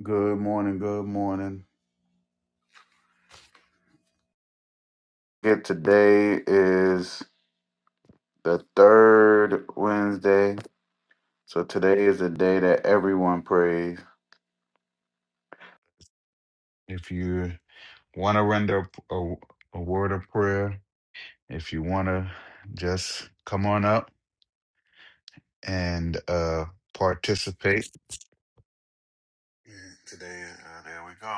Good morning. Good morning. It today is the third Wednesday. So today is the day that everyone prays. If you want to render a, a word of prayer, if you want to just come on up and uh participate. Today, uh, there we go.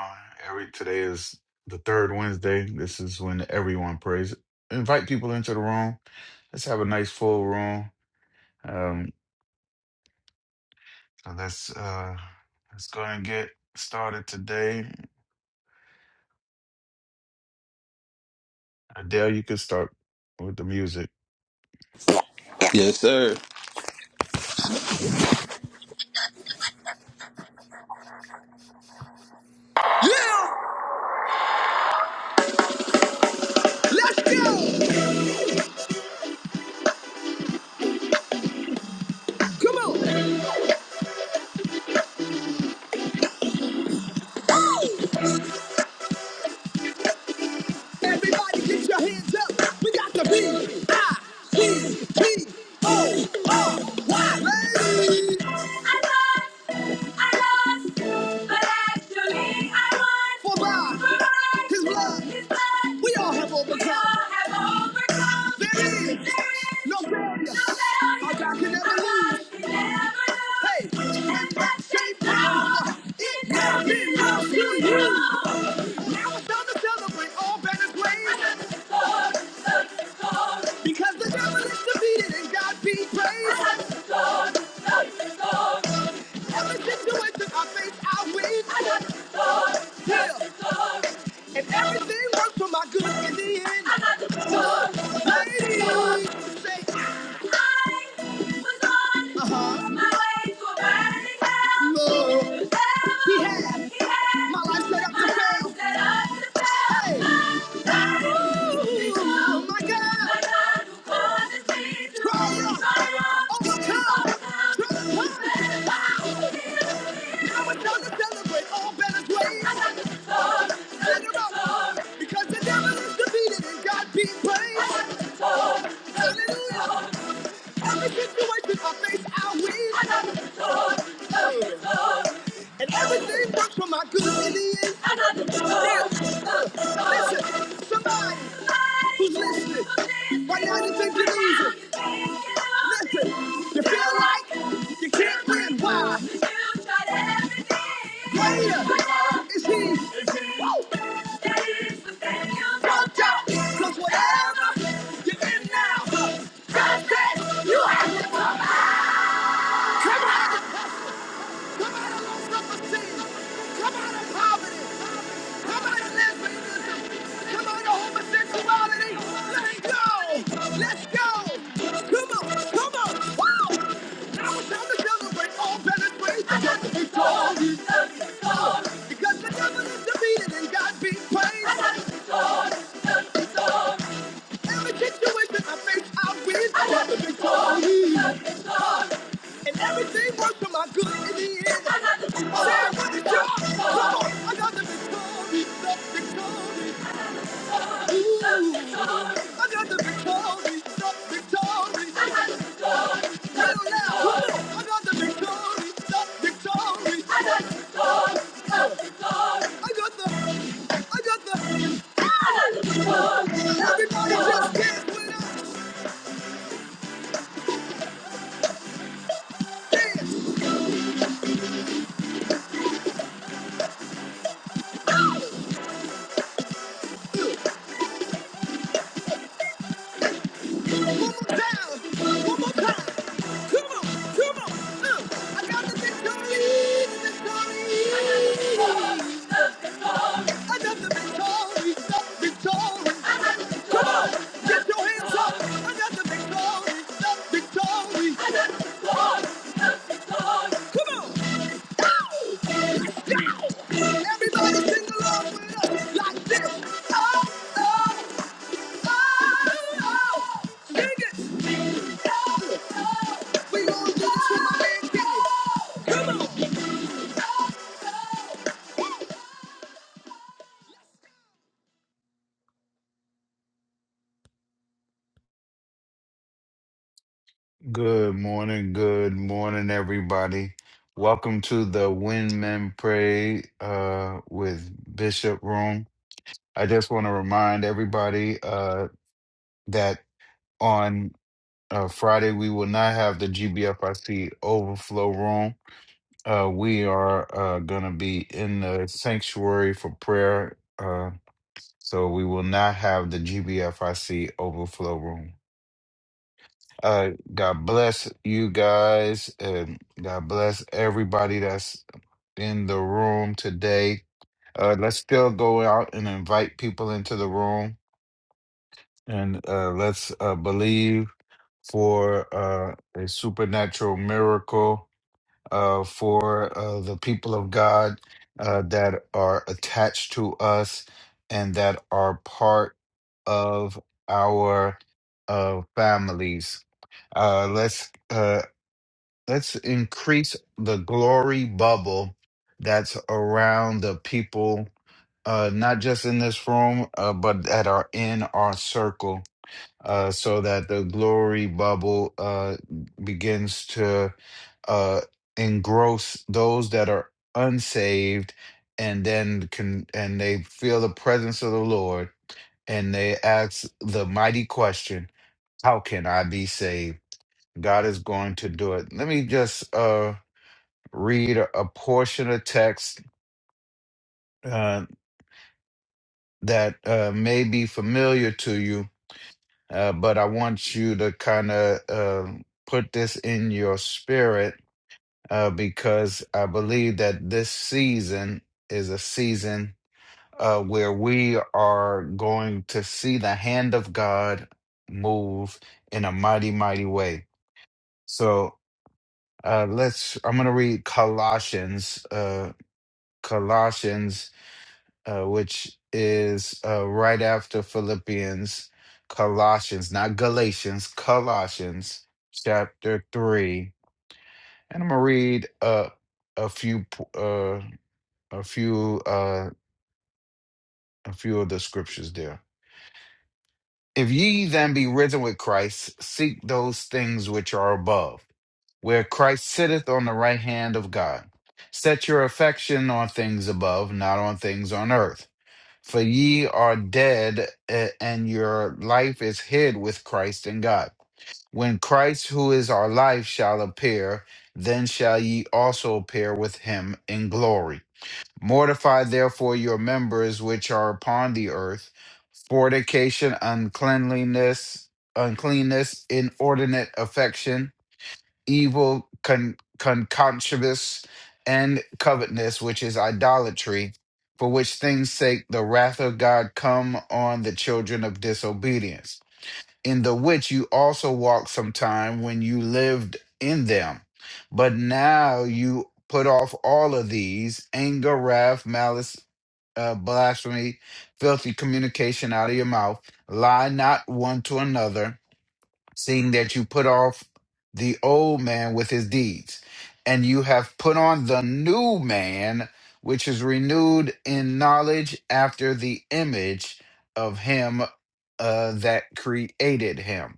Every today is the third Wednesday. This is when everyone prays. Invite people into the room. Let's have a nice full room. Um, So let's uh let's go and get started today. Adele, you can start with the music. Yes, sir. Yeah, let's go. Come on, everybody, get your hands up. We got the B I C T O O Y. Hey. I lost, but actually I won. For God, For by His blood, His blood, we all have overcome. We all have overcome. There is, there is no failure. No failure. Our God can never Our lose. Our God can never lose. Hey, and that same power, it now belongs to you. Now it's time to celebrate all banners blazing, because the devil is defeated and God be praised. Lord, Lord, Lord. Tell us to do it to our face, our ways. I got the story. Yeah. And everything works for my good in the end. I got the story. Ladies, say, I was on uh-huh. my way to a burning hell. Lord. to hell. He had. He had. My life set up to My fail. life fail. set up to fail. Hey. Oh my God! My God who causes me to Triumph. triumph. Overcome. Overcome. Transform. I was trying to celebrate all Bella's ways. I got the color, Let her out. Because the devil is defeated and God be praised. I got the color, Hallelujah. Every situation I face, I win. I got the color, Let her out. And everything works for my good in the end. Now, listen, somebody who's listening, right now you're it easy. Listen, you feel like you can't win. Why? You tried everything. Greater is he. Woo! Watch out, 'cause whatever you're in now, God said you have to come out. Come out of low self-esteem. Come out of poverty. Come out of lesbianism. Come out of homosexuality. Let it go. Let's go. Come on. Come on. Woo! Now it's time to celebrate all better ways. I got victorious. Because the devil is defeated and God be praised. Every situation I face, I win. I got the victory. And everything works for my good in the end. I got the victory. Say got. Come on. I got the victory. I got The victory. Ooh. I got the victory. Victory. I got The victory. Hell yeah. I got the victory. victory. I got the. I got the. I got the. I got the victory. Everybody just dance with us. One more time, one more time. Come on, come on. I got the big tallie, the tallie, the tallie. I got the big tallie, the tallie, the tallie. Get your heels up. I got the big tallie, the tallie, the tallie. Come on. Everybody sing along with us like this. Oh, oh, oh, oh. Sing it. Oh, oh. We gonna do this for my man, Good morning, good morning, everybody. Welcome to the When Men Pray uh with Bishop Room. I just want to remind everybody uh that on uh, Friday we will not have the GBFIC overflow room. Uh, we are uh, going to be in the sanctuary for prayer. Uh, So we will not have the GBFIC overflow room. Uh, God bless you guys. And God bless everybody that's in the room today. Uh, let's still go out and invite people into the room and uh, let's uh, believe for uh, a supernatural miracle uh, for uh, the people of God uh, that are attached to us and that are part of our uh, families. Uh, let's uh, let's increase the glory bubble that's around the people, uh, not just in this room, uh, but that are in our circle uh, so that the glory bubble uh, begins to uh, engross those that are unsaved, and then can and they feel the presence of the Lord, and they ask the mighty question, "How can I be saved?" God is going to do it. Let me just uh, read a, a portion of text uh, that uh, may be familiar to you uh, but I want you to kind of um put this in your spirit uh, because I believe that this season is a season uh, where we are going to see the hand of God move in a mighty, mighty way. So uh, let's, I'm going to read Colossians, uh, Colossians uh, which is uh, right after Philippians, Colossians, not Galatians, Colossians chapter three, and I'm gonna read uh, a few p- uh, a few uh, a few of the scriptures there. If ye then be risen with Christ, seek those things which are above, where Christ sitteth on the right hand of God. Set your affection on things above, not on things on earth. For ye are dead, a- and your life is hid with Christ in God. When Christ, who is our life, shall appear, then shall ye also appear with him in glory. Mortify therefore your members which are upon the earth fornication, uncleanliness, uncleanness, inordinate affection evil, con- concupiscence, and covetousness, which is idolatry, for which things sake the wrath of God come on the children of disobedience, in the which you also walked sometime when you lived in them. But now you put off all of these anger, wrath, malice, uh, blasphemy, filthy communication out of your mouth. Lie not one to another seeing that you put off the old man with his deeds, and you have put on the new man, which is renewed in knowledge after the image of him uh, that created him.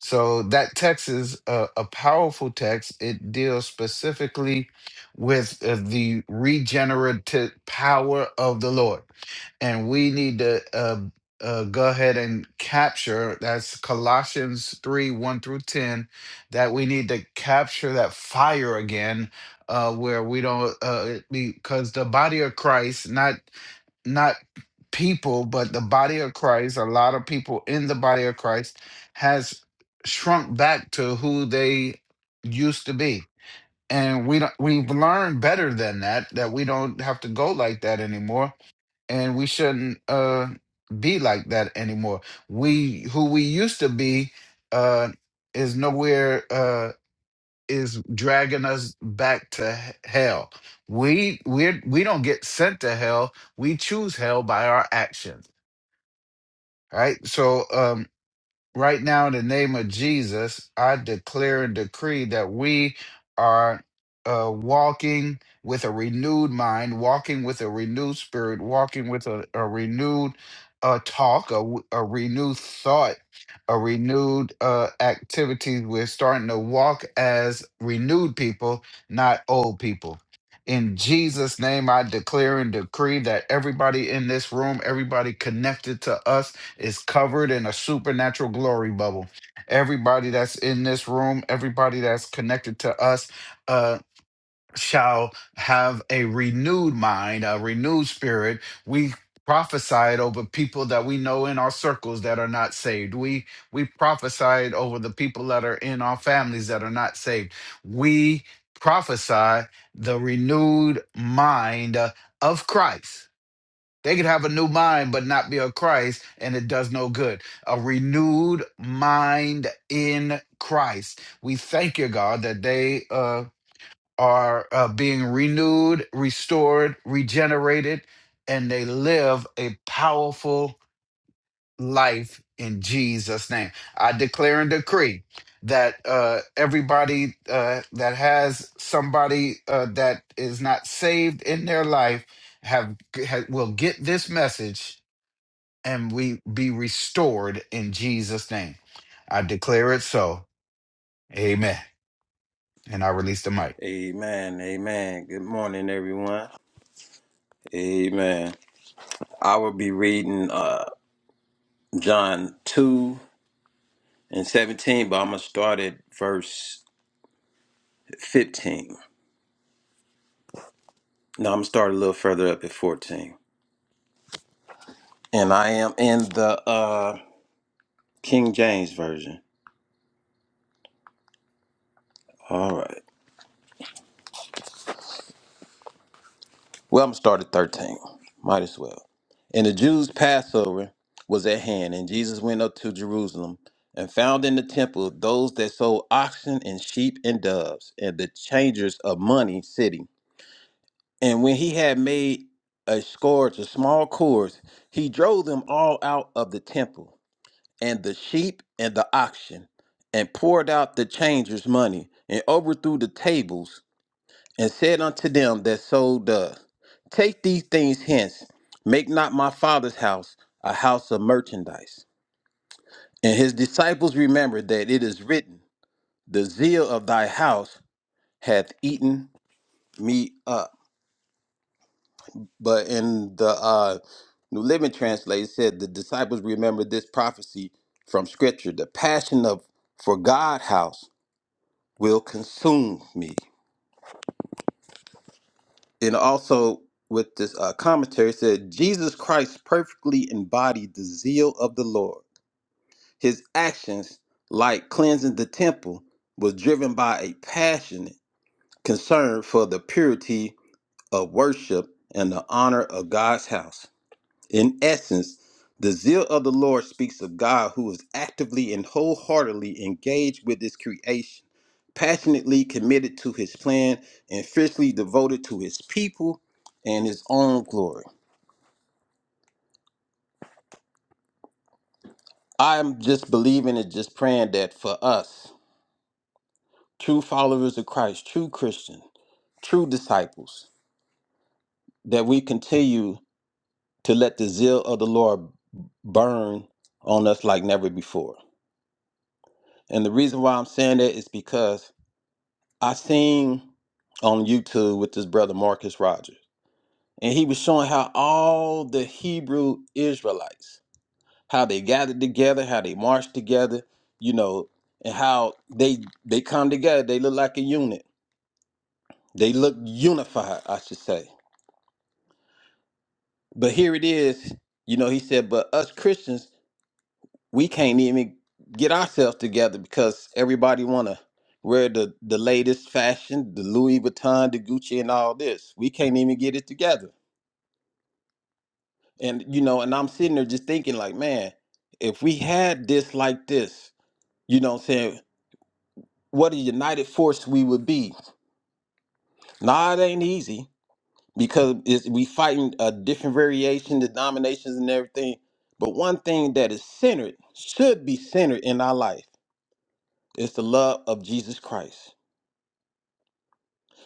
So that text is a, a powerful text. It deals specifically with uh, the regenerative power of the Lord and we need to uh, uh, go ahead and capture that's Colossians 3 1 through 10 that we need to capture that fire again uh, where we don't uh, because the body of Christ not not people but the body of Christ a lot of people in the body of Christ has shrunk back to who they used to be and we don't, we've learned better than that that we don't have to go like that anymore and we shouldn't uh be like that anymore we who we used to be uh is nowhere uh is dragging us back to h- hell we we're we we do not get sent to hell we choose hell by our actions right so um Right now, in the name of Jesus, I declare and decree that we are uh, walking with a renewed mind, walking with a renewed spirit, walking with a, a renewed uh, talk, a, w- a renewed thought, a renewed uh, activity. We're starting to walk as renewed people, not old people. In Jesus' name, I declare and decree that everybody in this room, everybody connected to us, is covered in a supernatural glory bubble. Everybody that's in this room, everybody that's connected to us, uh, shall have a renewed mind, a renewed spirit. We prophesied over people that we know in our circles that are not saved. We we prophesied over the people that are in our families that are not saved. We prophesy the renewed mind uh, of Christ they could have a new mind but not be of Christ, and it does no good. A renewed mind in Christ. We thank you, God, that they uh, are uh, being renewed, restored, regenerated, and they live a powerful life in Jesus' name. I declare and decree that uh, everybody uh, that has somebody uh, that is not saved in their life have, have will get this message and we be restored in Jesus' name. I declare it so. Amen. And I release the mic. Kenny. Amen. Amen. Good morning, everyone. Amen. I will be reading uh, John 2 and 17, but I'm going to start at verse 15. No, I'm going to start a little further up at 14. And I am in the uh, King James Version. All right. Well, I'm started 13. Might as well. And the Jews' Passover was at hand, and Jesus went up to Jerusalem and found in the temple those that sold oxen and sheep and doves, and the changers of money sitting. And when he had made a scourge of small cords, he drove them all out of the temple and the sheep and the oxen, and poured out the changers' money, and overthrew the tables, and said unto them that sold doves, Take these things hence, make not my father's house a house of merchandise. And his disciples remembered that it is written, The zeal of thy house hath eaten me up. But in the uh, New Living Translation it said the disciples remembered this prophecy from Scripture, the passion of for God house will consume me. And also with this uh, commentary it said Jesus Christ perfectly embodied the zeal of the Lord. His actions, like cleansing the temple, was driven by a passionate concern for the purity of worship and the honor of God's house. In essence, the zeal of the Lord speaks of God who is actively and wholeheartedly engaged with his creation passionately committed to his plan and fiercely devoted to his people and his own glory. I'm just believing and just praying that for us, true followers of Christ, true Christian, true disciples, that we continue to let the zeal of the Lord burn on us like never before. And the reason why I'm saying that is because I seen on YouTube with this brother Marcus Rogers, and he was showing how all the Hebrew Israelites how they gathered together, how they marched together, you know, and how they they come together. They look like a unit. They look unified, I should say. But here it is, you know, he said, but us Christians, we can't even get ourselves together because everybody wanna wear the, the latest fashion, the Louis Vuitton, the Gucci and all this. We can't even get it together. And you know, and I'm sitting there just thinking like, man, if we had this like this, you know what I'm saying? what a united force we would be. Nah, it ain't easy because it's, we fighting a different variation, denominations, and everything. But one thing that is centered should be centered in our life is the love of Jesus Christ.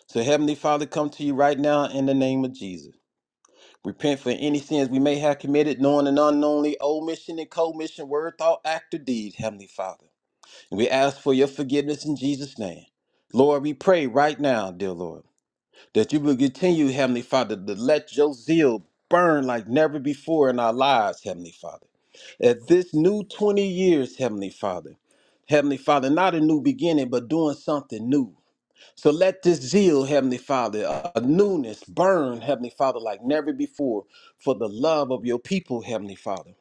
So, Heavenly Father, come to you right now in the name of Jesus. Repent for any sins we may have committed, knowing and unknowingly, omission and commission, word, thought, act, or deed, Heavenly Father. And we ask for your forgiveness in Jesus' name. Lord, we pray right now, dear Lord. that you will continue, Heavenly Father, to let your zeal burn like never before in our lives, Heavenly Father. At this new 20 years, Heavenly Father, Heavenly Father, not a new beginning, but doing something new. So let this zeal, Heavenly Father, a a newness burn, Heavenly Father, like never before for the love of your people, Heavenly Father.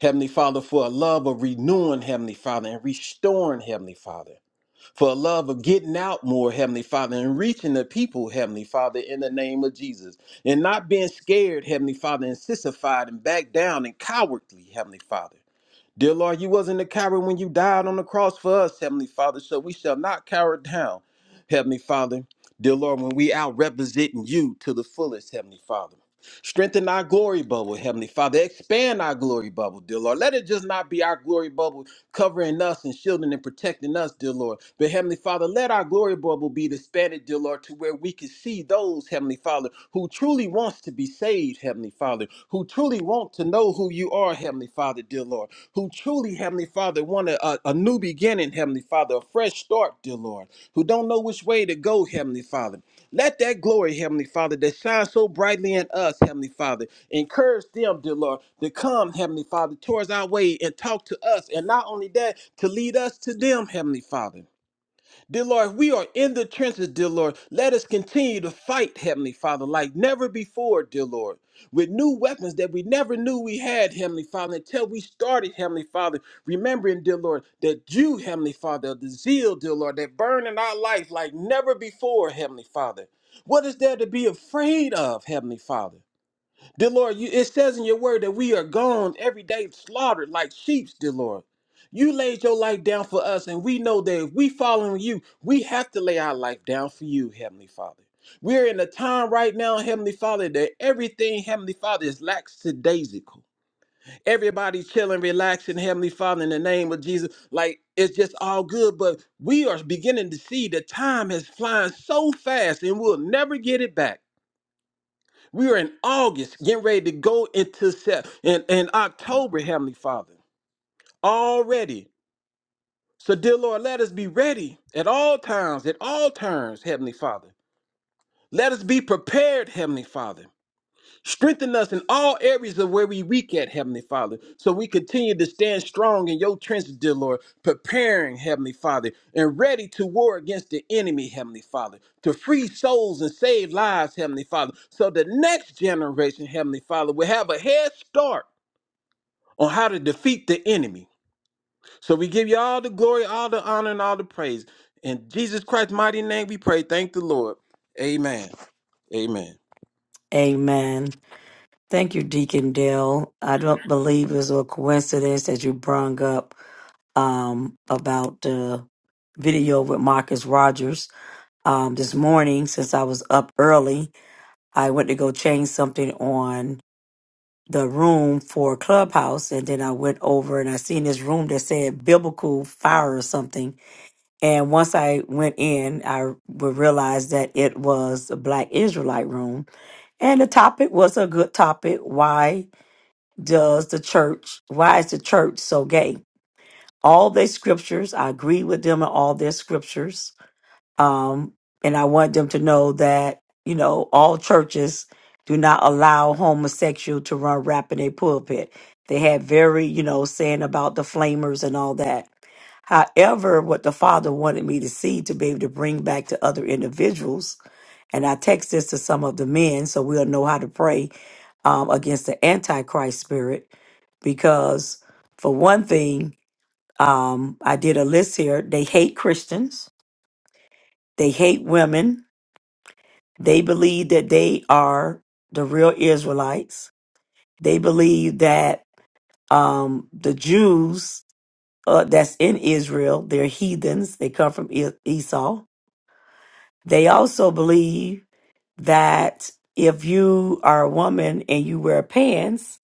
Heavenly Father, for a love of renewing, Heavenly Father, and restoring, Heavenly Father for a love of getting out more, Heavenly Father, and reaching the people, Heavenly Father, in the name of Jesus. And not being scared, Heavenly Father, and sissified and back down and cowardly, Heavenly Father. Dear Lord, you wasn't a coward when you died on the cross for us, Heavenly Father, so we shall not cower down, Heavenly Father. Dear Lord, when we out representing you to the fullest, Heavenly Father. Strengthen our glory bubble, Heavenly Father. Expand our glory bubble, dear Lord. Let it just not be our glory bubble covering us and shielding and protecting us, dear Lord. But Heavenly Father, let our glory bubble be expanded, dear Lord, to where we can see those, Heavenly Father, who truly wants to be saved, Heavenly Father, who truly want to know who you are, Heavenly Father, dear Lord. Lord, who truly, Heavenly Father, want a, a a new beginning, Heavenly Father, a fresh start, dear Lord, who don't know which way to go, Heavenly Father. Let that glory, Heavenly Father, that shines so brightly in us, Heavenly Father, encourage them, dear Lord, to come, Heavenly Father, towards our way and talk to us. And not only that, to lead us to them, Heavenly Father. Dear Lord, we are in the trenches, dear Lord. Let us continue to fight, Heavenly Father, like never before, dear Lord, with new weapons that we never knew we had, Heavenly Father, until we started, Heavenly Father, remembering, dear Lord, that you, Heavenly Father, the zeal, dear Lord, that burn in our life like never before, Heavenly Father. What is there to be afraid of, Heavenly Father? Dear Lord, you, it says in your word that we are gone every day slaughtered like sheep, dear Lord. You laid your life down for us, and we know that if we follow you, we have to lay our life down for you, Heavenly Father. We're in a time right now, Heavenly Father, that everything, Heavenly Father, is lackadaisical. Everybody chilling, relaxing, Heavenly Father, in the name of Jesus. Like it's just all good, but we are beginning to see the time is flying so fast and we'll never get it back. We are in August, getting ready to go into set in, in October, Heavenly Father. Already. So, dear Lord, let us be ready at all times, at all turns, Heavenly Father. Let us be prepared, Heavenly Father. Strengthen us in all areas of where we weak at, Heavenly Father, so we continue to stand strong in your trenches, dear Lord, preparing, Heavenly Father, and ready to war against the enemy, Heavenly Father, to free souls and save lives, Heavenly Father, so the next generation, Heavenly Father, will have a head start on how to defeat the enemy. So we give you all the glory, all the honor, and all the praise. In Jesus Christ's mighty name we pray. Thank the Lord. Amen. Amen. Amen. Thank you, Deacon Dale. I don't believe it's a coincidence that you brung up um, about the video with Marcus Rogers um, this morning. Since I was up early, I went to go change something on the room for Clubhouse, and then I went over and I seen this room that said Biblical Fire or something. And once I went in, I would realize that it was a Black Israelite room, and the topic was a good topic. Why? does the church, why is the church so gay? All their scriptures, I agree with them in all their scriptures. Um, and I want them to know that, you know, all churches do not allow homosexual to run rap in their pulpit. They had very, you know, saying about the flamers and all that. However, what the father wanted me to see to be able to bring back to other individuals, and I text this to some of the men so we'll know how to pray um, against the antichrist spirit because for one thing um, i did a list here they hate christians they hate women they believe that they are the real israelites they believe that um, the jews uh, that's in israel they're heathens they come from E- esau they also believe that if you are a woman and you wear pants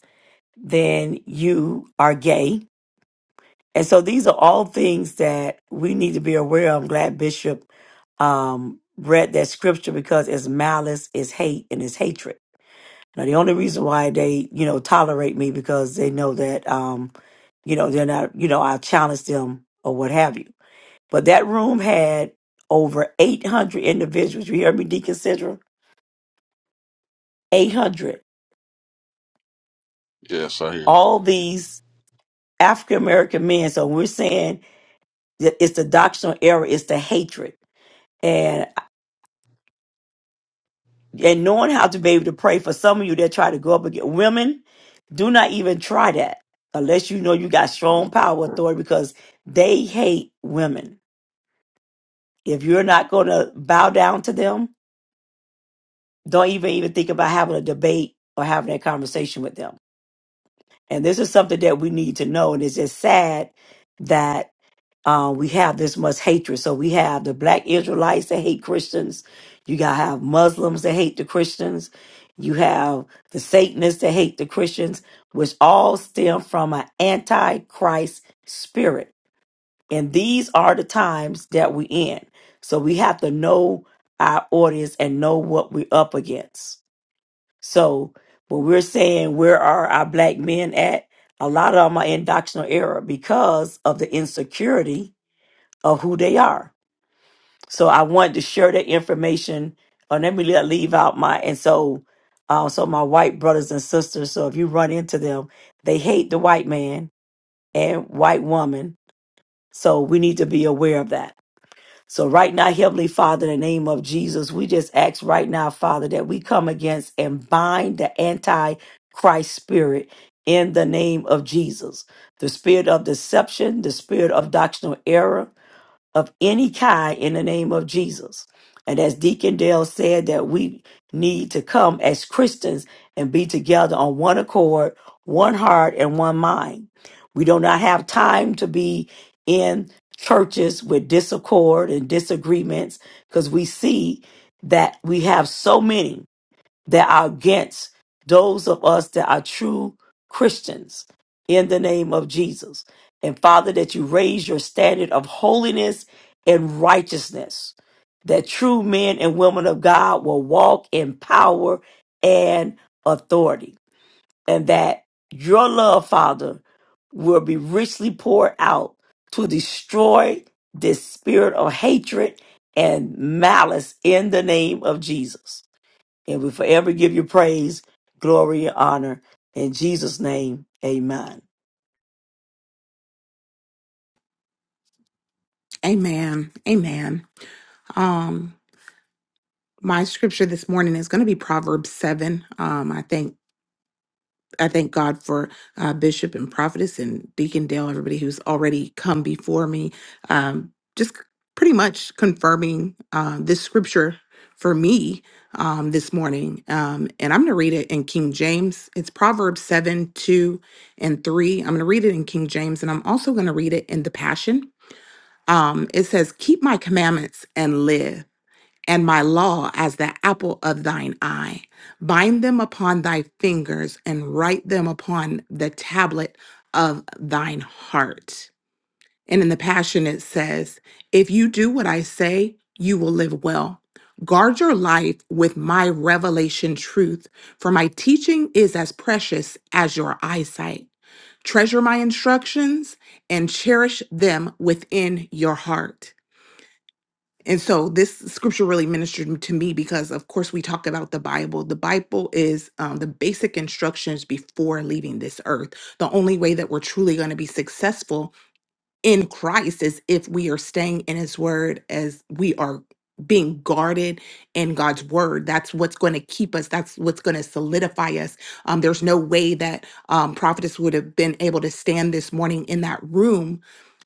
then you are gay And so these are all things that we need to be aware of. I'm glad Bishop um, read that scripture because it's malice, it's hate, and it's hatred. Now the only reason why they, you know, tolerate me because they know that, um, you know, they're not, you know, I challenge them or what have you. But that room had over 800 individuals. You hear me, Deacon Central? 800. Yes, I hear you. All these African American men. So we're saying that it's the doctrinal error, it's the hatred. and knowing how to be able to pray for some of you that try to go up against women, do not even try that unless you know you got strong power authority because they hate women. If you're not going to bow down to them, don't even even think about having a debate or having a conversation with them. And this is something that we need to know. And it's just sad that uh, we have this much hatred. So we have the black Israelites that hate Christians. You got to have Muslims that hate the Christians. You have the Satanists that hate the Christians, which all stem from an antichrist spirit. And these are the times that we in. So we have to know our audience and know what we're up against. So when we're saying where are our black men at, a lot of them are in doctrinal error because of the insecurity of who they are. So I wanted to share that information. And let me le- leave out my and so uh, so my white brothers and sisters. So if you run into them, they hate the white man and white woman. So we need to be aware of that. So right now, Heavenly Father, in the name of Jesus, we just ask right now, Father, that we come against and bind the anti-Christ spirit in the name of Jesus. The spirit of deception, the spirit of doctrinal error, of any kind in the name of Jesus. And as Deacon Dale said, that we need to come as Christians and be together on one accord, one heart, and one mind. We do not have time to be in churches with discord and disagreements because we see that we have so many that are against those of us that are true Christians in the name of Jesus. And Father, that you raise your standard of holiness and righteousness, that true men and women of God will walk in power and authority, and that your love, Father, will be richly poured out to destroy this spirit of hatred and malice in the name of Jesus. And we forever give you praise, glory, and honor. In Jesus' name, amen. Amen. Amen. Um, my scripture this morning is going to be Proverbs seven. Um, I thank I thank God for uh, Bishop and Prophetess and Deacon Dale, everybody who's already come before me. Um, just pretty much confirming uh, this scripture for me um, this morning, um, and I'm going to read it in King James. It's Proverbs seven two and three. I'm going to read it in King James, and I'm also going to read it in the Passion um, it says, Keep my commandments and live, and my law as the apple of thine eye. Bind them upon thy fingers and write them upon the tablet of thine heart. And in the Passion, it says, If you do what I say, you will live well. Guard your life with my revelation truth, for my teaching is as precious as your eyesight. Treasure my instructions and cherish them within your heart. And so this scripture really ministered to me because, of course, we talk about the Bible. The Bible is um, the basic instructions before leaving this earth. The only way that we're truly going to be successful in Christ is if we are staying in his word as we are being guarded in God's word. That's what's going to keep us. That's what's going to solidify us. Um, there's no way that um, prophetess would have been able to stand this morning in that room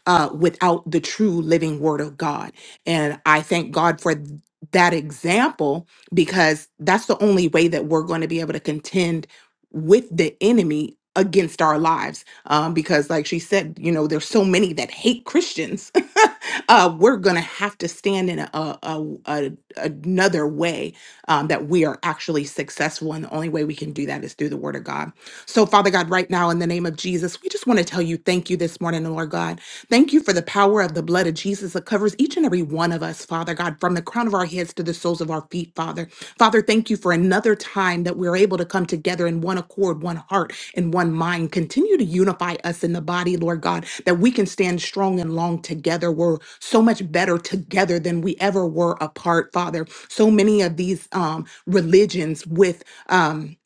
uh, without the true living word of God. And I thank God for th- that example because that's the only way that we're going to be able to contend with the enemy against our lives um, because like she said you know there's so many that hate christians uh, we're gonna have to stand in a, a, a another way um, that we are actually successful and the only way we can do that is through the word of god so father god right now in the name of jesus we just want to tell you thank you this morning lord god Thank you for the power of the blood of Jesus that covers each and every one of us, Father God, from the crown of our heads to the soles of our feet, Father. Father, thank you for another time that we're able to come together in one accord, one heart, and one mind. Continue to unify us in the body, Lord God, that we can stand strong and long together. We're so much better together than we ever were apart, Father. So many of these um, religions with um,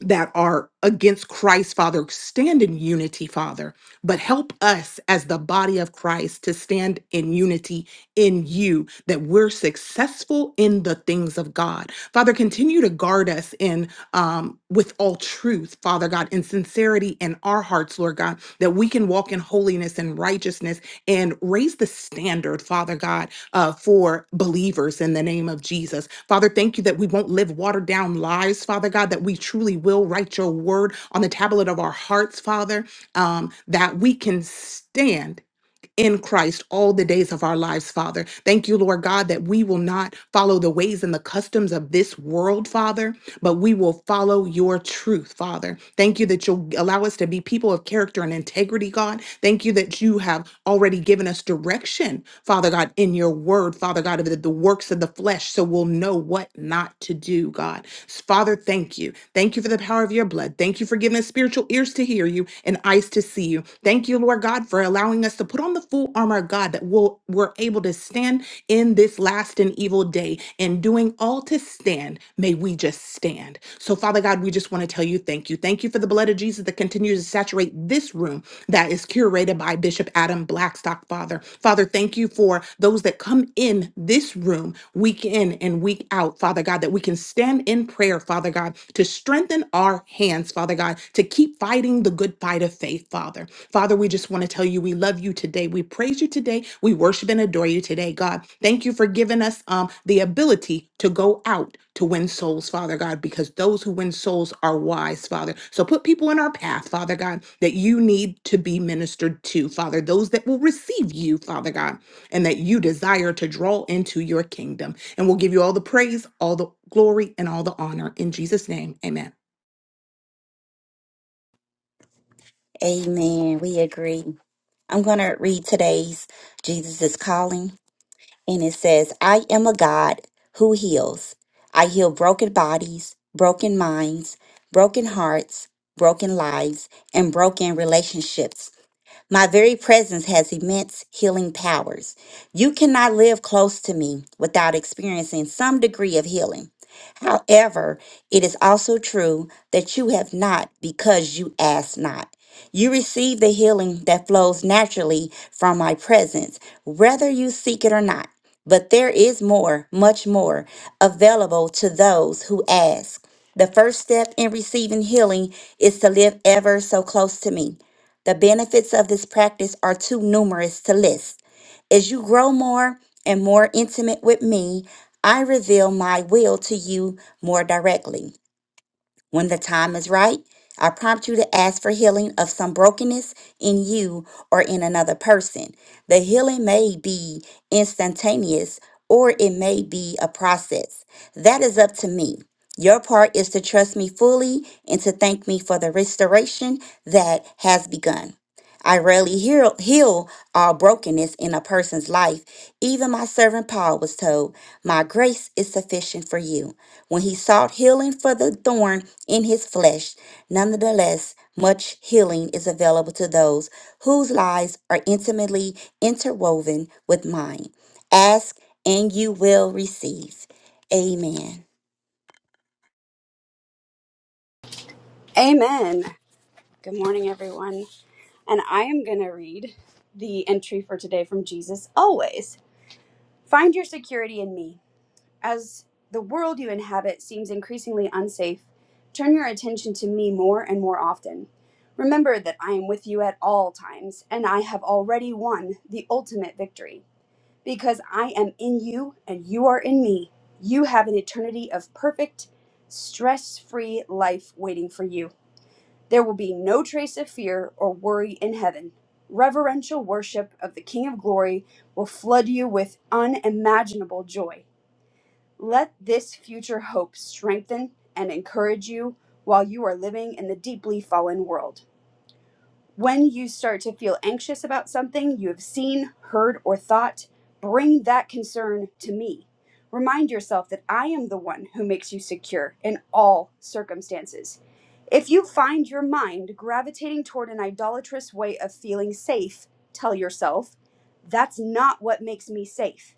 that are against Christ, Father, stand in unity, Father. But help us as the body of Christ to stand in unity in you, that we're successful in the things of God. Father, continue to guard us in um, with all truth, Father God, in sincerity in our hearts, Lord God, that we can walk in holiness and righteousness and raise the standard, Father God, uh, for believers in the name of Jesus. Father, thank you that we won't live watered down lives, Father God, that we truly will write your word on the tablet of our hearts, Father um, that we can stand in Christ all the days of our lives, Father. Thank you, Lord God, that we will not follow the ways and the customs of this world, Father, but we will follow your truth, Father. Thank you that you'll allow us to be people of character and integrity, God. Thank you that you have already given us direction, Father God, in your word, Father God, of the, the works of the flesh, so we'll know what not to do, God. Father, thank you. Thank you for the power of your blood. Thank you for giving us spiritual ears to hear you and eyes to see you. Thank you, Lord God, for allowing us to put on the full armor of God that will able were able to stand in this last and evil day and doing all to stand may we just stand so father god we just want to tell you thank you thank you for the blood of jesus that continues to saturate this room that is curated by bishop adam blackstock father father thank you for those that come in this room week in and week out father god that we can stand in prayer father god to strengthen our hands father god to keep fighting the good fight of faith, Father. Father, we just want to tell you we love you today. We praise you today. We worship and adore you today, God. Thank you for giving us um, the ability to go out to win souls, Father God, because those who win souls are wise, Father. So put people in our path, Father God, that you need to be ministered to, Father, those that will receive you, Father God, and that you desire to draw into your kingdom. And we'll give you all the praise, all the glory, and all the honor. In Jesus' name, amen. Amen. We agree. I'm going to read today's Jesus is Calling, and it says, I am a God who heals. I heal broken bodies, broken minds, broken hearts, broken lives, and broken relationships. My very presence has immense healing powers. You cannot live close to me without experiencing some degree of healing. However, it is also true that you have not because you ask not. You receive the healing that flows naturally from my presence, whether you seek it or not. But there is more, much more, available to those who ask. The first step in receiving healing is to live ever so close to me. The benefits of this practice are too numerous to list. As you grow more and more intimate with me, I reveal my will to you more directly. When the time is right, I prompt you to ask for healing of some brokenness in you or in another person. The healing may be instantaneous or it may be a process. That is up to me. Your part is to trust me fully and to thank me for the restoration that has begun. I rarely heal, heal all brokenness in a person's life. Even my servant Paul was told, My grace is sufficient for you. When he sought healing for the thorn in his flesh, nonetheless, much healing is available to those whose lives are intimately interwoven with mine. Ask and you will receive. Amen. Amen. Good morning, everyone. And I am going to read the entry for today from Jesus Always. Find your security in me. As the world you inhabit seems increasingly unsafe, turn your attention to me more and more often. Remember that I am with you at all times, and I have already won the ultimate victory. Because I am in you and you are in me, you have an eternity of perfect, stress free life waiting for you. There will be no trace of fear or worry in heaven. Reverential worship of the King of Glory will flood you with unimaginable joy. Let this future hope strengthen and encourage you while you are living in the deeply fallen world. When you start to feel anxious about something you have seen, heard, or thought, bring that concern to me. Remind yourself that I am the one who makes you secure in all circumstances. If you find your mind gravitating toward an idolatrous way of feeling safe, tell yourself, that's not what makes me safe.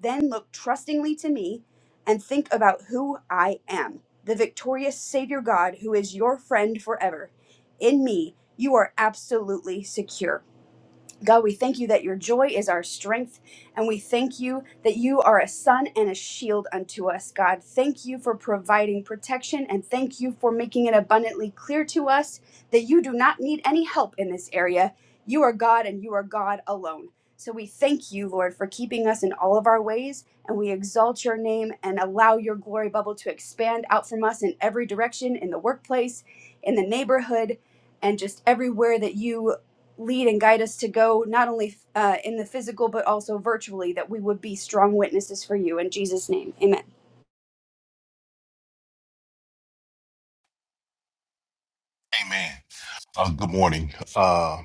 Then look trustingly to me and think about who I am, the victorious Savior God who is your friend forever. In me, you are absolutely secure. God, we thank you that your joy is our strength, and we thank you that you are a sun and a shield unto us, God. Thank you for providing protection, and thank you for making it abundantly clear to us that you do not need any help in this area. You are God, and you are God alone. So we thank you, Lord, for keeping us in all of our ways, and we exalt your name and allow your glory bubble to expand out from us in every direction in the workplace in the neighborhood, and just everywhere that you lead and guide us to go, not only uh, in the physical, but also virtually, that we would be strong witnesses for you. In Jesus' name, amen. Amen. Uh, good morning. Uh,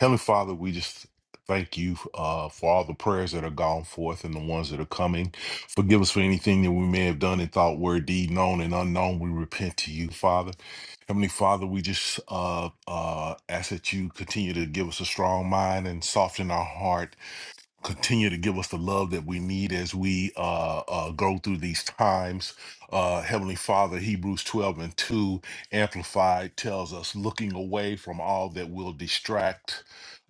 Heavenly Father, we just thank you uh, for all the prayers that are gone forth and the ones that are coming. Forgive us for anything that we may have done in thought, word, deed, known, and unknown. We repent to you, Father. Heavenly Father, we just uh, uh, ask that you continue to give us a strong mind and soften our heart continue to give us the love that we need as we uh, uh, go through these times. Uh, Heavenly Father, Hebrews 12 and 2 Amplified tells us looking away from all that will distract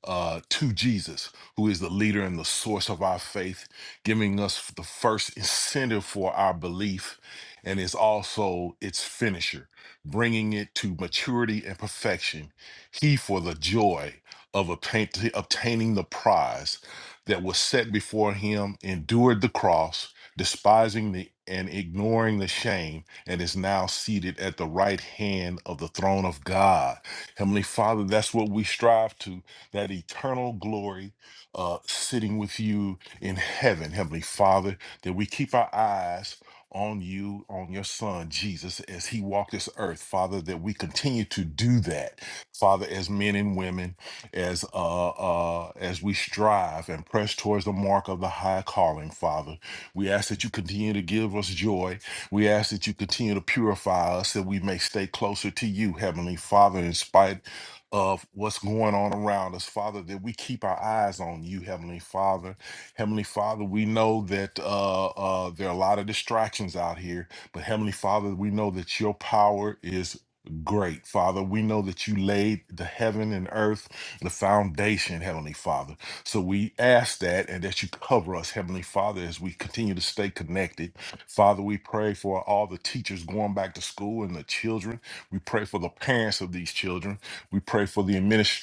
uh, to Jesus, who is the leader and the source of our faith, giving us the first incentive for our belief and is also its finisher, bringing it to maturity and perfection. He for the joy of obtain- obtaining the prize that was set before him endured the cross, despising the and ignoring the shame, and is now seated at the right hand of the throne of God. Heavenly Father, that's what we strive to, that eternal glory uh, sitting with you in heaven, Heavenly Father, that we keep our eyes on you, on your Son, Jesus, as he walked this earth, Father, that we continue to do that, Father, as men and women as uh, uh, as we strive and press towards the mark of the high calling, Father. We ask that you continue to give us joy. We ask that you continue to purify us, that we may stay closer to you, Heavenly Father, in spite of what's going on around us, Father, that we keep our eyes on you, Heavenly Father. Heavenly Father, we know that uh, uh, there are a lot of distractions out here, but Heavenly Father, we know that your power is great, Father. We know that you laid the heaven and earth, the foundation, Heavenly Father. So we ask that and that you cover us, Heavenly Father, as we continue to stay connected. Father, we pray for all the teachers going back to school and the children. We pray for the parents of these children. We pray for the administrators.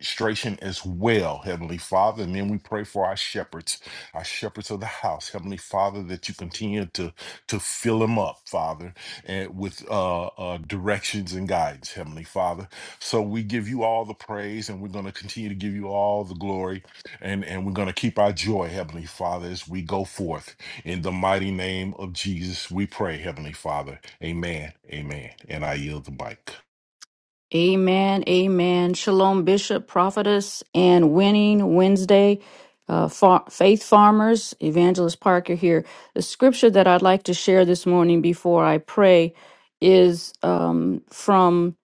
Administration as well, Heavenly Father. And then we pray for our shepherds, our shepherds of the house, Heavenly Father, that you continue to, to fill them up, Father and with uh, uh, directions and guidance, Heavenly Father. So we give you all the praise, and we're going to continue to give you all the glory, and and we're going to keep our joy, Heavenly Father, as we go forth in the mighty name of Jesus. We pray, Heavenly Father. Amen. Amen. And I yield the mic. Amen. Amen. Shalom, Bishop, Prophetess, and Winning Wednesday, uh, far- Faith Farmers, Evangelist Parker here. The scripture that I'd like to share this morning before I pray is um, from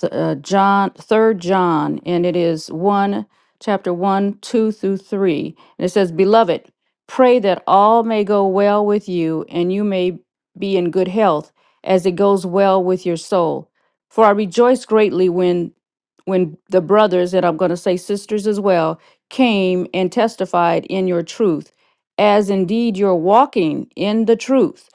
th- uh, John, Third John, and it is 1, chapter 1, 2 through 3. And it says, Beloved, pray that all may go well with you and you may be in good health as it goes well with your soul for I rejoiced greatly when when the brothers, and I'm going to say sisters as well, came and testified in your truth, as indeed you're walking in the truth.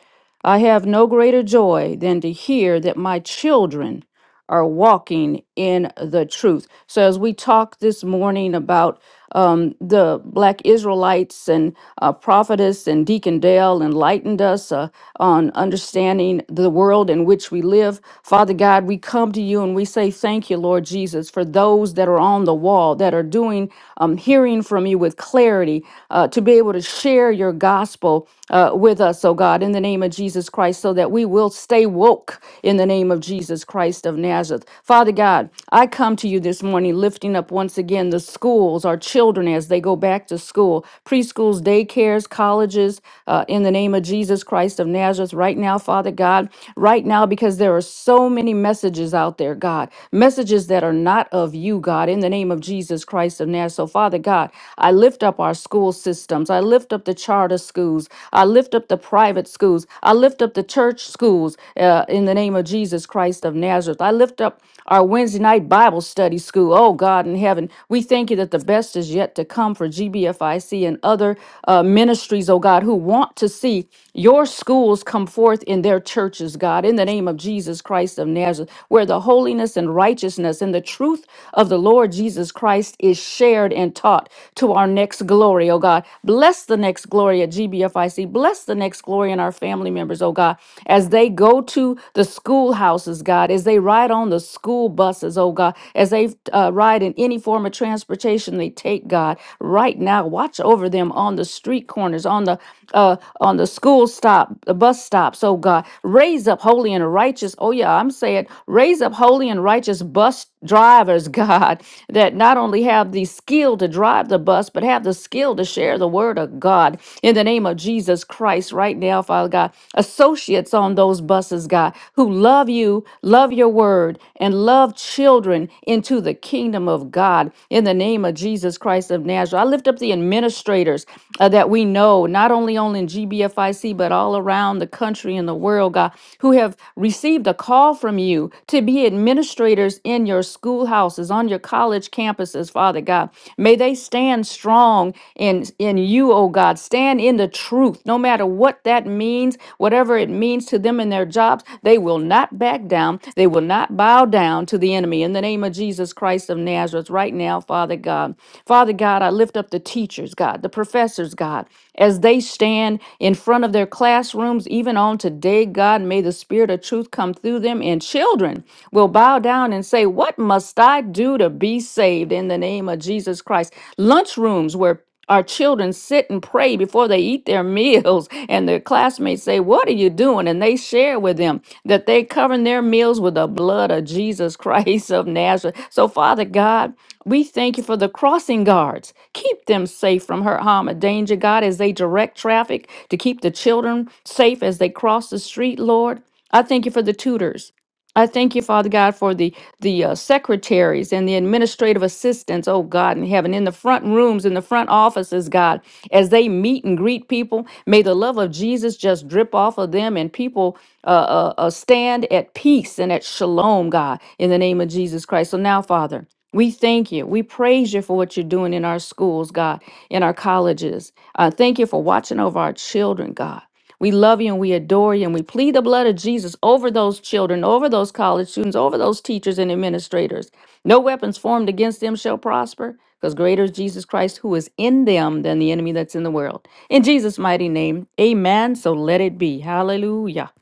I have no greater joy than to hear that my children are walking in the truth. So, as we talk this morning about um, the Black Israelites and. Uh, Prophetess and Deacon Dale enlightened us uh, on understanding the world in which we live. Father God, we come to you and we say thank you, Lord Jesus, for those that are on the wall that are doing, um, hearing from you with clarity uh, to be able to share your gospel uh, with us, oh God, in the name of Jesus Christ, so that we will stay woke in the name of Jesus Christ of Nazareth. Father God, I come to you this morning lifting up once again the schools, our children as they go back to school, preschools, daycares, colleges, uh, in the name of Jesus Christ of Nazareth, right now, Father God, right now, because there are so many messages out there, God, messages that are not of you, God, in the name of Jesus Christ of Nazareth. So, Father God, I lift up our school systems. I lift up the charter schools. I lift up the private schools. I lift up the church schools uh, in the name of Jesus Christ of Nazareth. I lift up our Wednesday night Bible study school. Oh, God in heaven, we thank you that the best is yet to come for GBI. CFIC and other uh, ministries, oh God, who want to see your schools come forth in their churches, God, in the name of Jesus Christ of Nazareth, where the holiness and righteousness and the truth of the Lord Jesus Christ is shared and taught to our next glory, oh God. Bless the next glory at GBFIC. Bless the next glory in our family members, oh God, as they go to the schoolhouses, God, as they ride on the school buses, oh God, as they uh, ride in any form of transportation they take, God. God, right now. Watch over them on the street corners, on the uh, on the school stop, the bus stops, oh God. Raise up holy and righteous, oh yeah, I'm saying, raise up holy and righteous bus drivers, God, that not only have the skill to drive the bus, but have the skill to share the word of God in the name of Jesus Christ right now, Father God. Associates on those buses, God, who love you, love your word, and love children into the kingdom of God in the name of Jesus. Jesus Christ of Nazareth. I lift up the administrators uh, that we know, not only on in GBFIC, but all around the country and the world, God, who have received a call from you to be administrators in your schoolhouses, on your college campuses, Father God. May they stand strong in, in you, oh God. Stand in the truth, no matter what that means, whatever it means to them in their jobs. They will not back down. They will not bow down to the enemy. In the name of Jesus Christ of Nazareth, right now, Father. Father God. Father God, I lift up the teachers, God, the professors, God, as they stand in front of their classrooms, even on today, God, may the spirit of truth come through them, and children will bow down and say, What must I do to be saved in the name of Jesus Christ? Lunchrooms where our children sit and pray before they eat their meals and their classmates say what are you doing and they share with them that they covering their meals with the blood of jesus christ of nazareth so father god we thank you for the crossing guards. Keep them safe from hurt, harm, or danger, God, as they direct traffic to keep the children safe as they cross the street, Lord. I thank you for the tutors. I thank you, Father God, for the the uh, secretaries and the administrative assistants, oh God in heaven, in the front rooms, in the front offices, God, as they meet and greet people. May the love of Jesus just drip off of them and people uh, uh, uh, stand at peace and at shalom, God, in the name of Jesus Christ. So now, Father. We thank you. We praise you for what you're doing in our schools, God, in our colleges. Uh, thank you for watching over our children, God. We love you and we adore you and we plead the blood of Jesus over those children, over those college students, over those teachers and administrators. No weapons formed against them shall prosper because greater is Jesus Christ who is in them than the enemy that's in the world. In Jesus' mighty name, amen. So let it be. Hallelujah.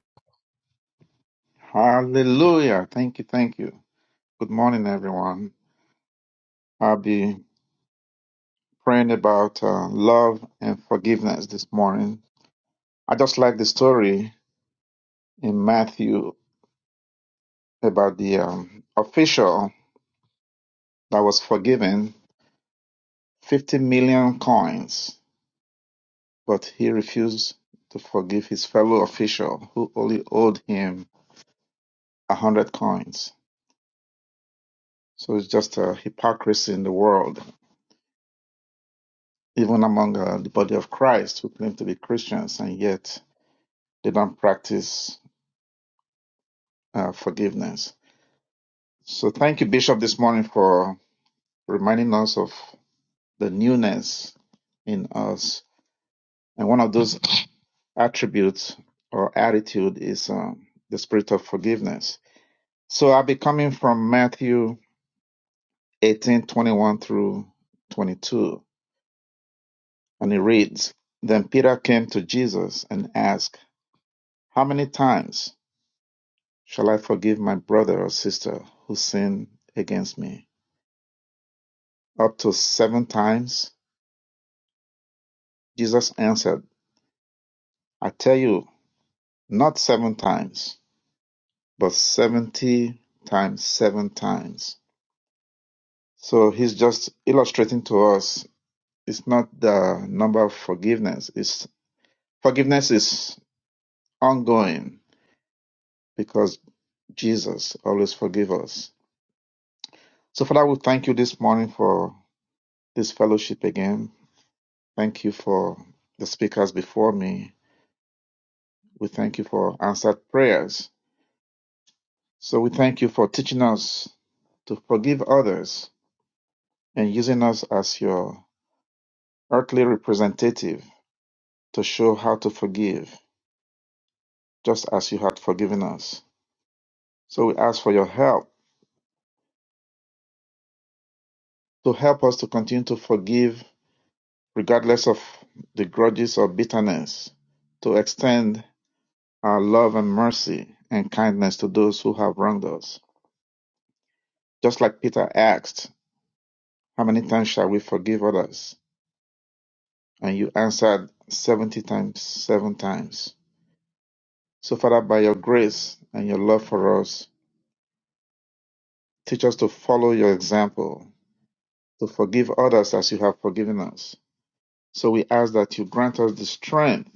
Hallelujah. Thank you. Thank you. Good morning, everyone. I'll be praying about uh, love and forgiveness this morning. I just like the story in Matthew about the um, official that was forgiven 50 million coins, but he refused to forgive his fellow official who only owed him 100 coins. So it's just a hypocrisy in the world, even among uh, the body of Christ who claim to be Christians and yet They don't practice uh, forgiveness. So thank you, Bishop, this morning for reminding us of the newness in us. And one of those attributes or attitude is um, the spirit of forgiveness. So I'll be coming from Matthew 18 21 through 22. And it reads Then Peter came to Jesus and asked, How many times shall I forgive my brother or sister who sinned against me? Up to seven times? Jesus answered, I tell you, not seven times, but seventy times seven times. So he's just illustrating to us it's not the number of forgiveness. It's forgiveness is ongoing because Jesus always forgives. us. So Father, we thank you this morning for this fellowship again. Thank you for the speakers before me. We thank you for answered prayers. So we thank you for teaching us to forgive others and using us as your earthly representative to show how to forgive, just as you had forgiven us. So we ask for your help to help us to continue to forgive regardless of the grudges or bitterness, to extend our love and mercy and kindness to those who have wronged us. Just like Peter asked, How many times shall we forgive others? And you answered 70 times, seven times. So, Father, by your grace and your love for us, teach us to follow your example, to forgive others as you have forgiven us. So we ask that you grant us the strength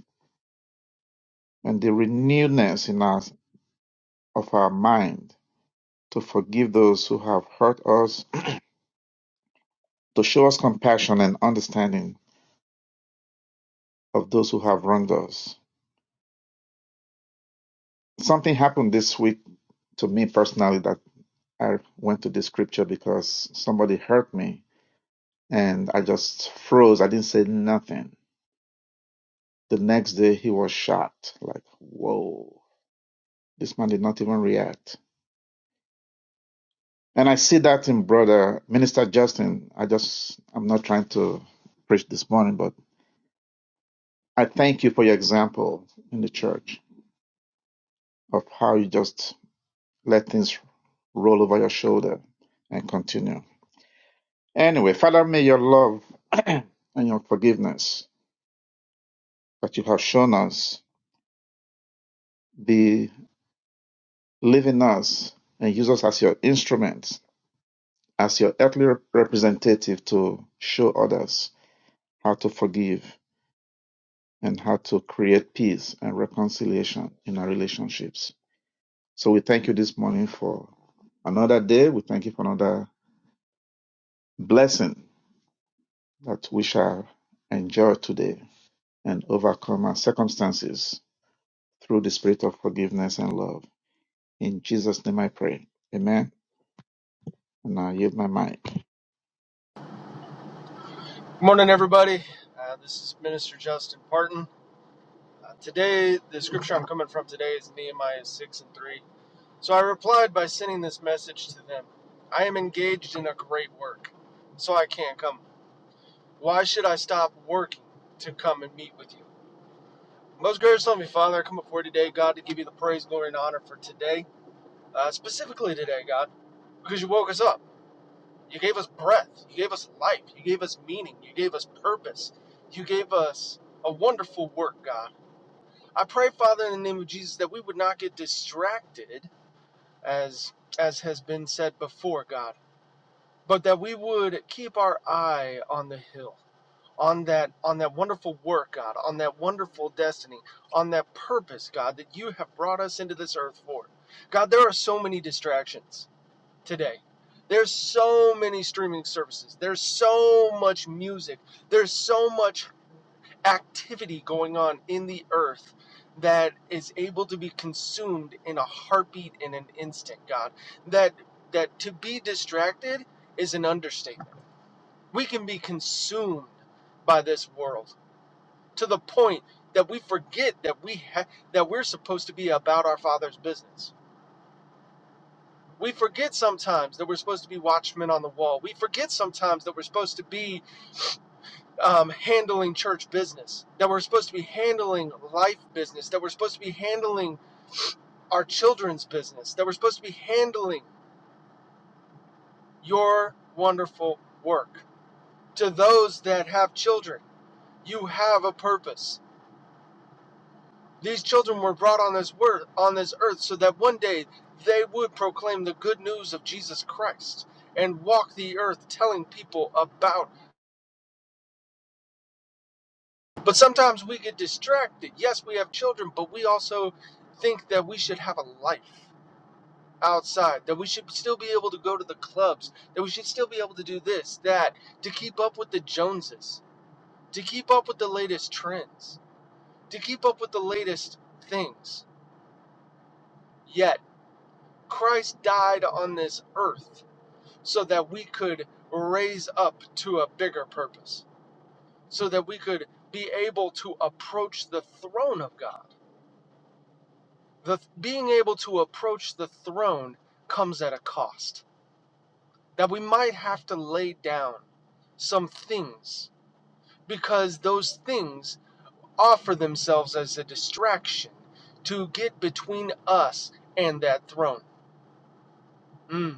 and the renewedness in us of our mind to forgive those who have hurt us, to show us compassion and understanding of those who have wronged us. Something happened this week to me personally that I went to the scripture because somebody hurt me and I just froze. I didn't say nothing The next day he was shocked, like, whoa, this man did not even react. And I see that in brother Minister Justin. I just I'm not trying to preach this morning, but I thank you for your example in the church of how you just let things roll over your shoulder and continue. Anyway, Father, may your love and your forgiveness that you have shown us be live in us and use us as your instruments as your earthly rep- representative to show others how to forgive and how to create peace and reconciliation in our relationships. So we thank you this morning for another day. We thank you for another blessing that we shall enjoy today and overcome our circumstances through the spirit of forgiveness and love. In Jesus' name I pray. Amen. And I yield my mic. Good morning, everybody. Uh, this is Minister Justin Parton. Uh, today, the scripture I'm coming from today is Nehemiah 6 and 3. So I replied by sending this message to them I am engaged in a great work, so I can't come. Why should I stop working to come and meet with you? Most gracious Heavenly Father, I come before you today, God, to give you the praise, glory, and honor for today, uh, specifically today, God, because you woke us up. You gave us breath. You gave us life. You gave us meaning. You gave us purpose. You gave us a wonderful work, God. I pray, Father, in the name of Jesus, that we would not get distracted, as as has been said before, God, but that we would keep our eye on the hill, on that on that wonderful work, God, on that wonderful destiny, on that purpose, God, that you have brought us into this earth for. God, there are so many distractions today. There's so many streaming services. There's so much music. There's so much activity going on in the earth that is able to be consumed in a heartbeat in an instant, God. That that to be distracted is an understatement. We can be consumed by this world to the point that we forget that we ha- that we're supposed to be about our father's business We forget sometimes that we're supposed to be watchmen on the wall. We forget sometimes that we're supposed to be um, handling church business, that we're supposed to be handling life business, that we're supposed to be handling our children's business, that we're supposed to be handling your wonderful work. To those that have children, you have a purpose. These children were brought on this word on this earth so that one day they would proclaim the good news of Jesus Christ and walk the earth telling people about But sometimes we get distracted. Yes, we have children, but we also think that we should have a life outside, that we should still be able to go to the clubs, that we should still be able to do this, that, to keep up with the Joneses, to keep up with the latest trends, to keep up with the latest things. Yet, Christ died on this earth so that we could raise up to a bigger purpose, so that we could be able to approach the throne of God the being able to approach the throne comes at a cost that we might have to lay down some things because those things offer themselves as a distraction to get between us and that throne mm.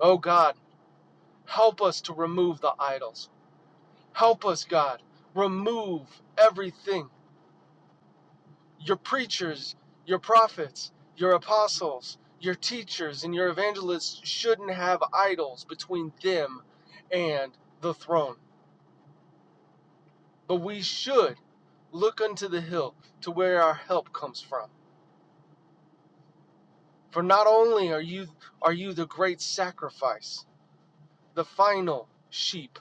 oh god help us to remove the idols help us god remove everything your preachers, your prophets, your apostles, your teachers, and your evangelists shouldn't have idols between them and the throne. But we should look unto the hill to where our help comes from. For not only are you are you the great sacrifice, the final sheep,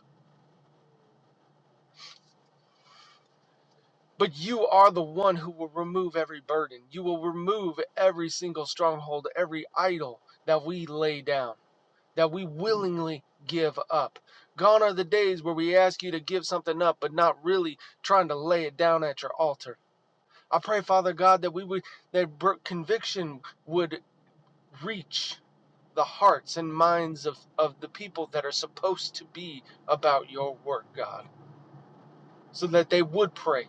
but you are the one who will remove every burden. You will remove every single stronghold, every idol that we lay down. that we willingly give up. Gone are the days where we ask you to give something up, but not really trying to lay it down at your altar. I pray, Father God, that we would that conviction would reach the hearts and minds of, of the people that are supposed to be about your work, God, so that they would pray,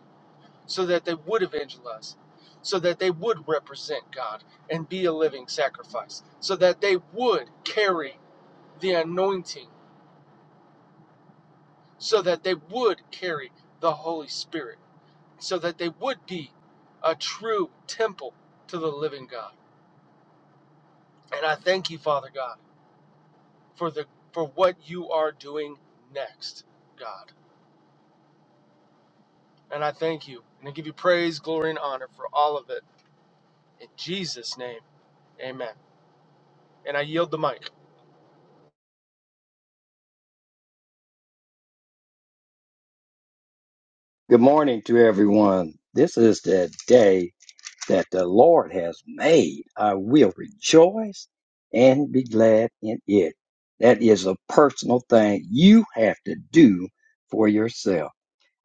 so that they would evangelize, so that they would represent God and be a living sacrifice, so that they would carry the anointing so that they would carry the Holy Spirit, so that they would be a true temple to the living God. And I thank you, Father God, for the for what you are doing next, God. And I thank you, and I give you praise, glory, and honor for all of it. In Jesus' name, Amen. And I yield the mic. Good morning to everyone. This is the day that the Lord has made. I will rejoice and be glad in it. That is a personal thing you have to do for yourself.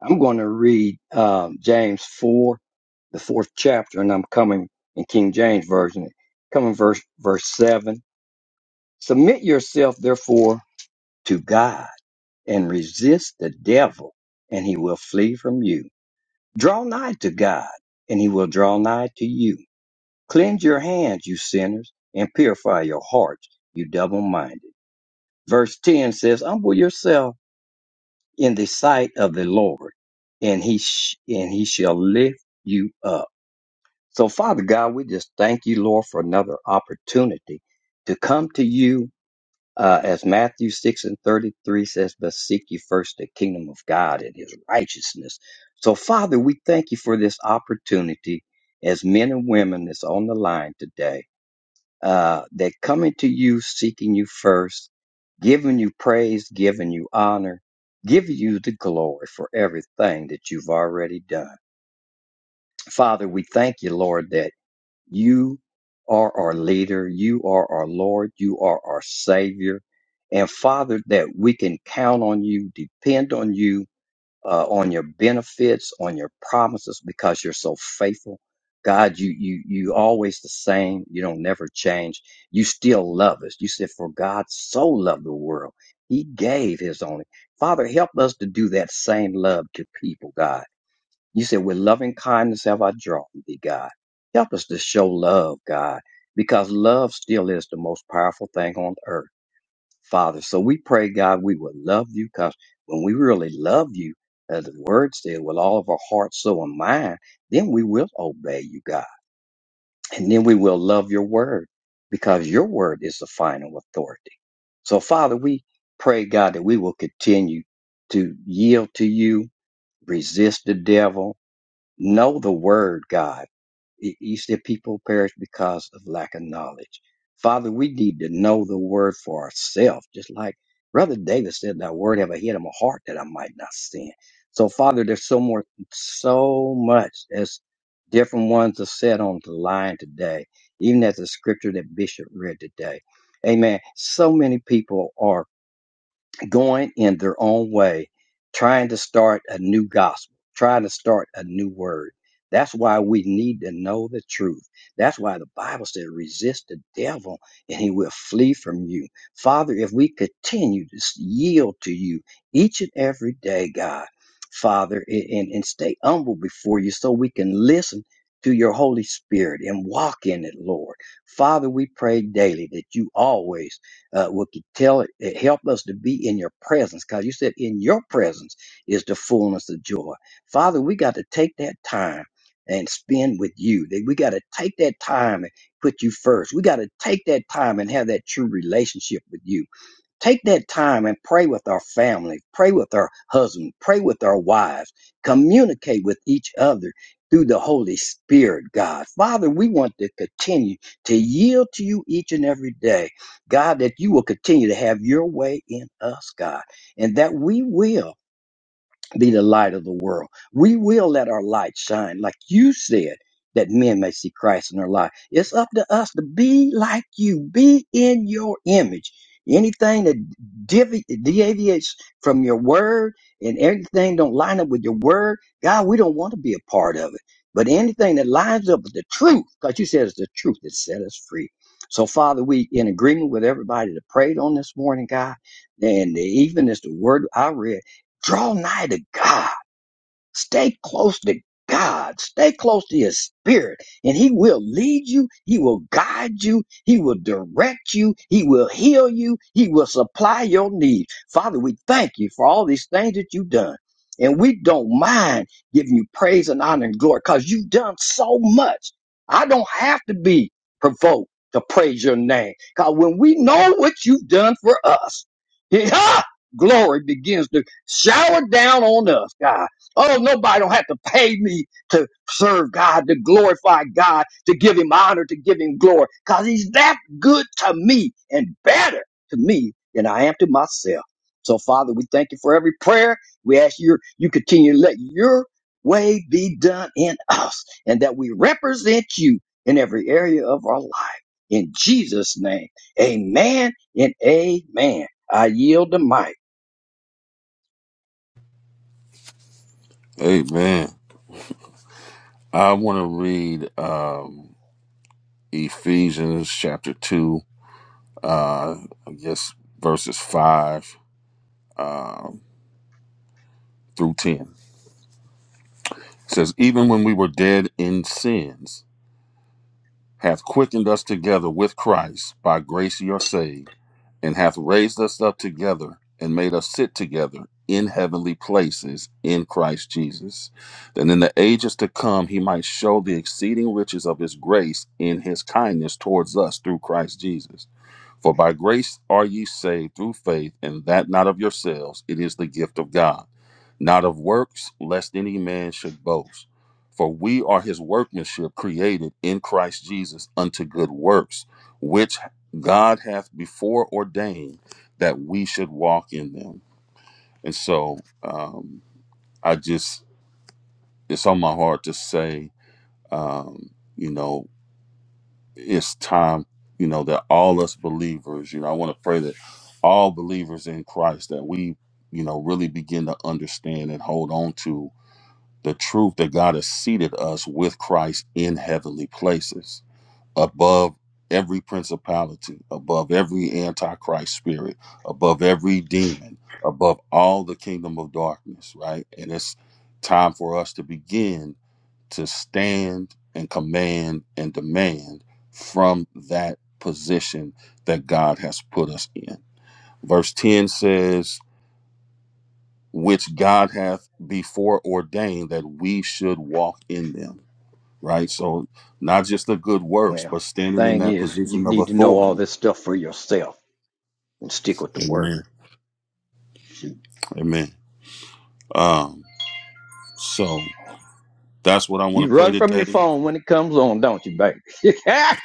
I'm going to read um, James 4, the fourth chapter, and I'm coming in King James Version, coming verse, verse 7. Submit yourself, therefore, to God and resist the devil, and he will flee from you. Draw nigh to God, and he will draw nigh to you. Cleanse your hands, you sinners, and purify your hearts, you double minded. Verse 10 says, Humble yourself in the sight of the Lord, and he, sh- and he shall lift you up. So, Father God, we just thank you, Lord, for another opportunity to come to you uh, as Matthew 6 and 33 says, but seek ye first the kingdom of God and his righteousness. So, Father, we thank you for this opportunity as men and women that's on the line today. Uh, they're coming to you, seeking you first, giving you praise, giving you honor, giving you the glory for everything that you've already done. Father, we thank you, Lord, that you are our leader. You are our Lord. You are our Savior. And Father, that we can count on you, depend on you, uh, on your benefits, on your promises, because you're so faithful. God, you, you, you always the same. You don't never change. You still love us. You said, for God so loved the world. He gave his only. Father, help us to do that same love to people, God you said, with loving kindness have I drawn thee, God. Help us to show love, God, because love still is the most powerful thing on earth, Father. So we pray, God, we will love you because when we really love you, as the word said, with all of our heart, soul, and mind, then we will obey you, God. And then we will love your word because your word is the final authority. So, Father, we pray, God, that we will continue to yield to you, resist the devil, Know the word, God. Y- You said people perish because of lack of knowledge. Father, we need to know the word for ourselves, just like Brother David said, Thy word have I hid in my heart that I might not sin. So, Father, there's so more, so much as different ones are said on the line today, even as the scripture that Bishop read today. Amen. So many people are going in their own way, trying to start a new gospel, trying to start a new word. That's why we need to know the truth. That's why the Bible said, resist the devil and he will flee from you. Father, if we continue to yield to you each and every day, God, Father, and, and stay humble before you so we can listen to your Holy Spirit and walk in it, Lord. Father, we pray daily that you always uh, we could tell it help us to be in your presence because you said in your presence is the fullness of joy. Father, we got to take that time and spend with you. That We got to take that time and put you first. We got to take that time and have that true relationship with you. Take that time and pray with our family, pray with our husband, pray with our wives, communicate with each other through the Holy Spirit, God. Father, we want to continue to yield to you each and every day, God, that you will continue to have your way in us, God, and that we will be the light of the world. We will let our light shine, like you said, that men may see Christ in our life. It's up to us to be like you, be in your image. Anything that divi- deviates from your word and everything don't line up with your word, God, we don't want to be a part of it. But anything that lines up with the truth, because you said it's the truth that set us free. So, Father, we in agreement with everybody that prayed on this morning, God, and even as the word I read. Draw nigh to God. Stay close to God. Stay close to His Spirit, and He will lead you. He will guide you. He will direct you. He will heal you. He will supply your needs. Father, we thank you for all these things that you've done. And we don't mind giving you praise and honor and glory because you've done so much. I don't have to be provoked to praise your name because when we know what you've done for us, glory begins to shower down on us, God. Oh, nobody don't have to pay me to serve God, to glorify God, to give him honor, to give him glory, because he's that good to me and better to me than I am to myself. So, Father, we thank you for every prayer. We ask you, you continue to let your way be done in us and that we represent you in every area of our life. In Jesus' name, amen and amen. I yield the mic. Amen. I want to read um, Ephesians chapter 2, uh, I guess verses 5 um through 10. It says, Even when we were dead in sins, hath quickened us together with Christ. By grace you are saved and hath raised us up together and made us sit together in heavenly places in Christ Jesus, that in the ages to come he might show the exceeding riches of his grace in his kindness towards us through Christ Jesus. For by grace are ye saved through faith, and that not of yourselves, it is the gift of God, not of works, lest any man should boast. For we are his workmanship, created in Christ Jesus unto good works, which God hath before ordained that we should walk in them. And so um, I just, it's on my heart to say, um, you know, it's time, you know, that all us believers, you know, I want to pray that all believers in Christ that we, you know, really begin to understand and hold on to the truth that God has seated us with Christ in heavenly places above every principality, above every antichrist spirit, above every demon, above all the kingdom of darkness, right? And it's time for us to begin to stand and command and demand from that position that God has put us in. Verse 10 says, which God hath before ordained that we should walk in them, right? So, not just the good works, Well, but the standing in thing that is, you position of need to know all authority. this stuff for yourself and stick with the word. Amen. Shoot. Amen. Um, so, that's what I You want to pray run from your today. phone when it comes on, don't you, baby?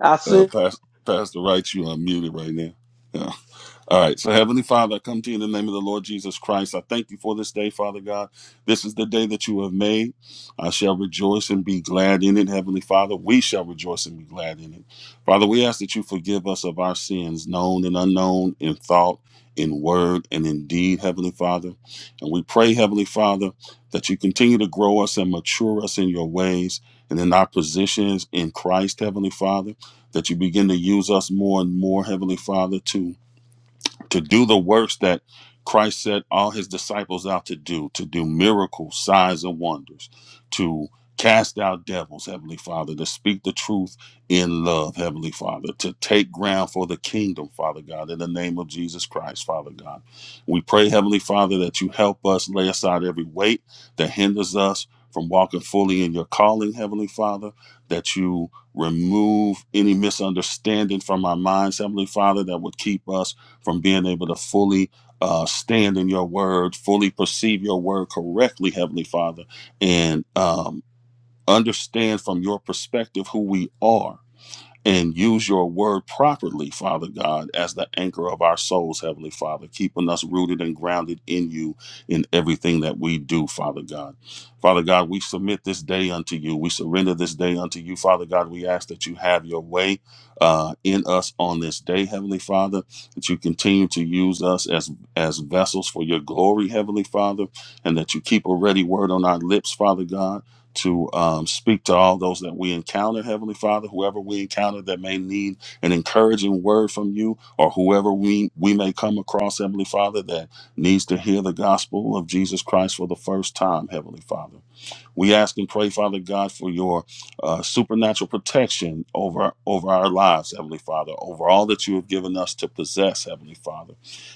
I see. Uh, Pastor, Pastor Wright, you unmuted right now. Yeah. All right. So, Heavenly Father, I come to you in the name of the Lord Jesus Christ. I thank you for this day, Father God. This is the day that you have made. I shall rejoice and be glad in it, Heavenly Father. We shall rejoice and be glad in it. Father, we ask that you forgive us of our sins, known and unknown, in thought, in word, and in deed, Heavenly Father. And we pray, Heavenly Father, that you continue to grow us and mature us in your ways and in our positions in Christ, Heavenly Father. That you begin to use us more and more, Heavenly Father, to to do the works that Christ set all his disciples out to do, to do miracles, signs, and wonders, to cast out devils, Heavenly Father, to speak the truth in love, Heavenly Father, to take ground for the kingdom, Father God, in the name of Jesus Christ, Father God. We pray, Heavenly Father, that you help us lay aside every weight that hinders us from walking fully in your calling, Heavenly Father, that you remove any misunderstanding from our minds, Heavenly Father, that would keep us from being able to fully uh, stand in your word, fully perceive your word correctly, Heavenly Father, and um, understand from your perspective who we are and use your word properly, Father God, as the anchor of our souls, Heavenly Father, keeping us rooted and grounded in you in everything that we do, Father God. Father God, we submit this day unto you. We surrender this day unto you, Father God. We ask that you have your way uh, in us on this day, Heavenly Father, that you continue to use us as, as vessels for your glory, Heavenly Father, and that you keep a ready word on our lips, Father God to um, speak to all those that we encounter, Heavenly Father, whoever we encounter that may need an encouraging word from you, or whoever we, we may come across, Heavenly Father, that needs to hear the gospel of Jesus Christ for the first time, Heavenly Father. We ask and pray, Father God, for your uh, supernatural protection over over our lives, Heavenly Father, over all that you have given us to possess, Heavenly Father,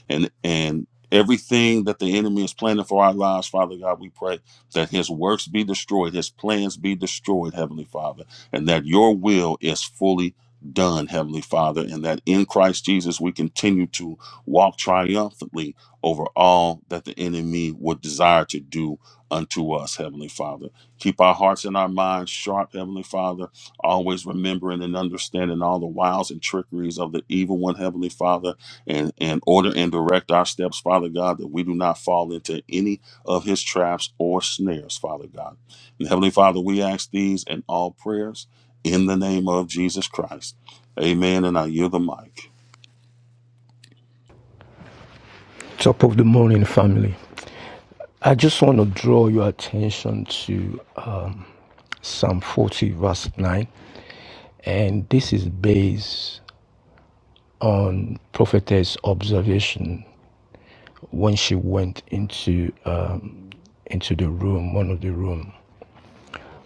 and and everything that the enemy is planning for our lives, Father God, we pray that his works be destroyed, his plans be destroyed, Heavenly Father, and that your will is fully done, Heavenly Father, and that in Christ Jesus we continue to walk triumphantly over all that the enemy would desire to do unto us, Heavenly Father. Keep our hearts and our minds sharp, Heavenly Father, always remembering and understanding all the wiles and trickeries of the evil one, Heavenly Father, and, and order and direct our steps, Father God, that we do not fall into any of his traps or snares, Father God. And Heavenly Father, we ask these and all prayers in the name of Jesus Christ. Amen. And I yield the mic. Top of the morning, family. I just want to draw your attention to um, Psalm 40, verse 9. And this is based on prophetess observation when she went into um, into the room, one of the room.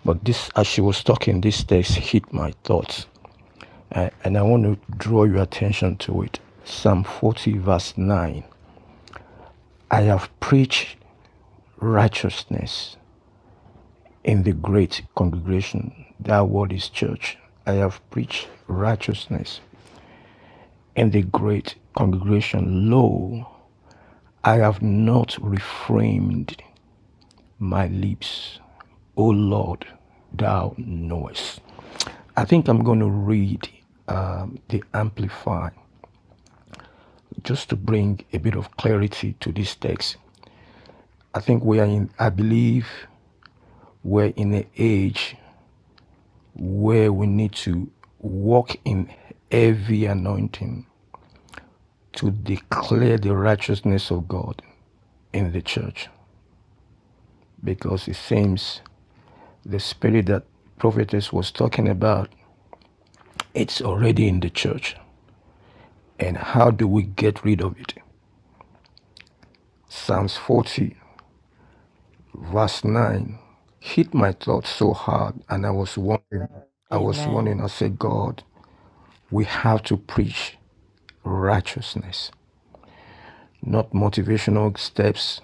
But this, as she was talking, this text hit my thoughts, A- and I want to draw your attention to it. Psalm 40, verse 9. I have preached righteousness In the great congregation that word is church, I have preached righteousness. In the great congregation, lo, I have not reframed my lips. O Lord, thou knowest. I think I'm going to read um, the Amplify just to bring a bit of clarity to this text. I think we are in, I believe we're in an age where we need to walk in heavy anointing to declare the righteousness of God in the church because it seems the spirit that prophetess was talking about it's already in the church and how do we get rid of it psalms 40 verse 9 hit my thoughts so hard and i was wondering i was Amen. wondering i said god we have to preach righteousness not motivational steps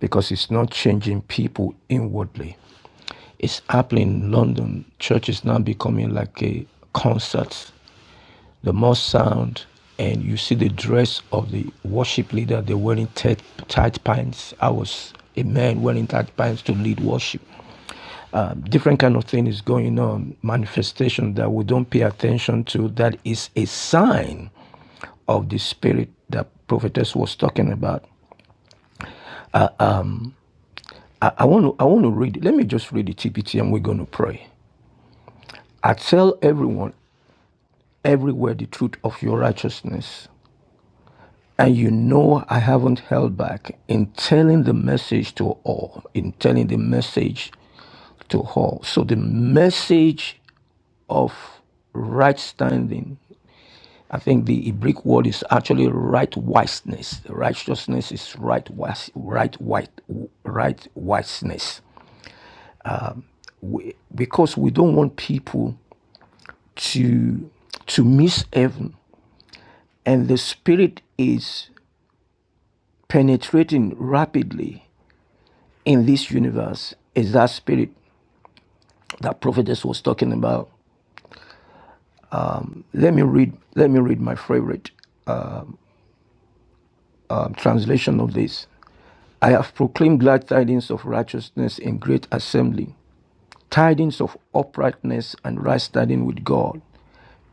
because it's not changing people inwardly. It's happening in London. Church is now becoming like a concert. The more sound, and you see the dress of the worship leader, they're wearing tight, tight pants. I was a man wearing tight pants to lead worship. Um, different kind of thing is going on, manifestation that we don't pay attention to, that is a sign of the spirit that prophetess was talking about. I, I want to I want to read. it. Let me just read the TPT and we're going to pray. I tell everyone everywhere the truth of your righteousness. And you know I haven't held back in telling the message to all, in telling the message to all. So the message of right standing, I think the Hebrew word is actually right wiseness. Righteousness is right wise, right white, right wiseness. Because we don't want people to to miss heaven. And the spirit is penetrating rapidly in this universe is that spirit that prophetess was talking about. Let me read, let me read my favorite um, translation of this. I have proclaimed glad tidings of righteousness in great assembly, tidings of uprightness and right standing with God.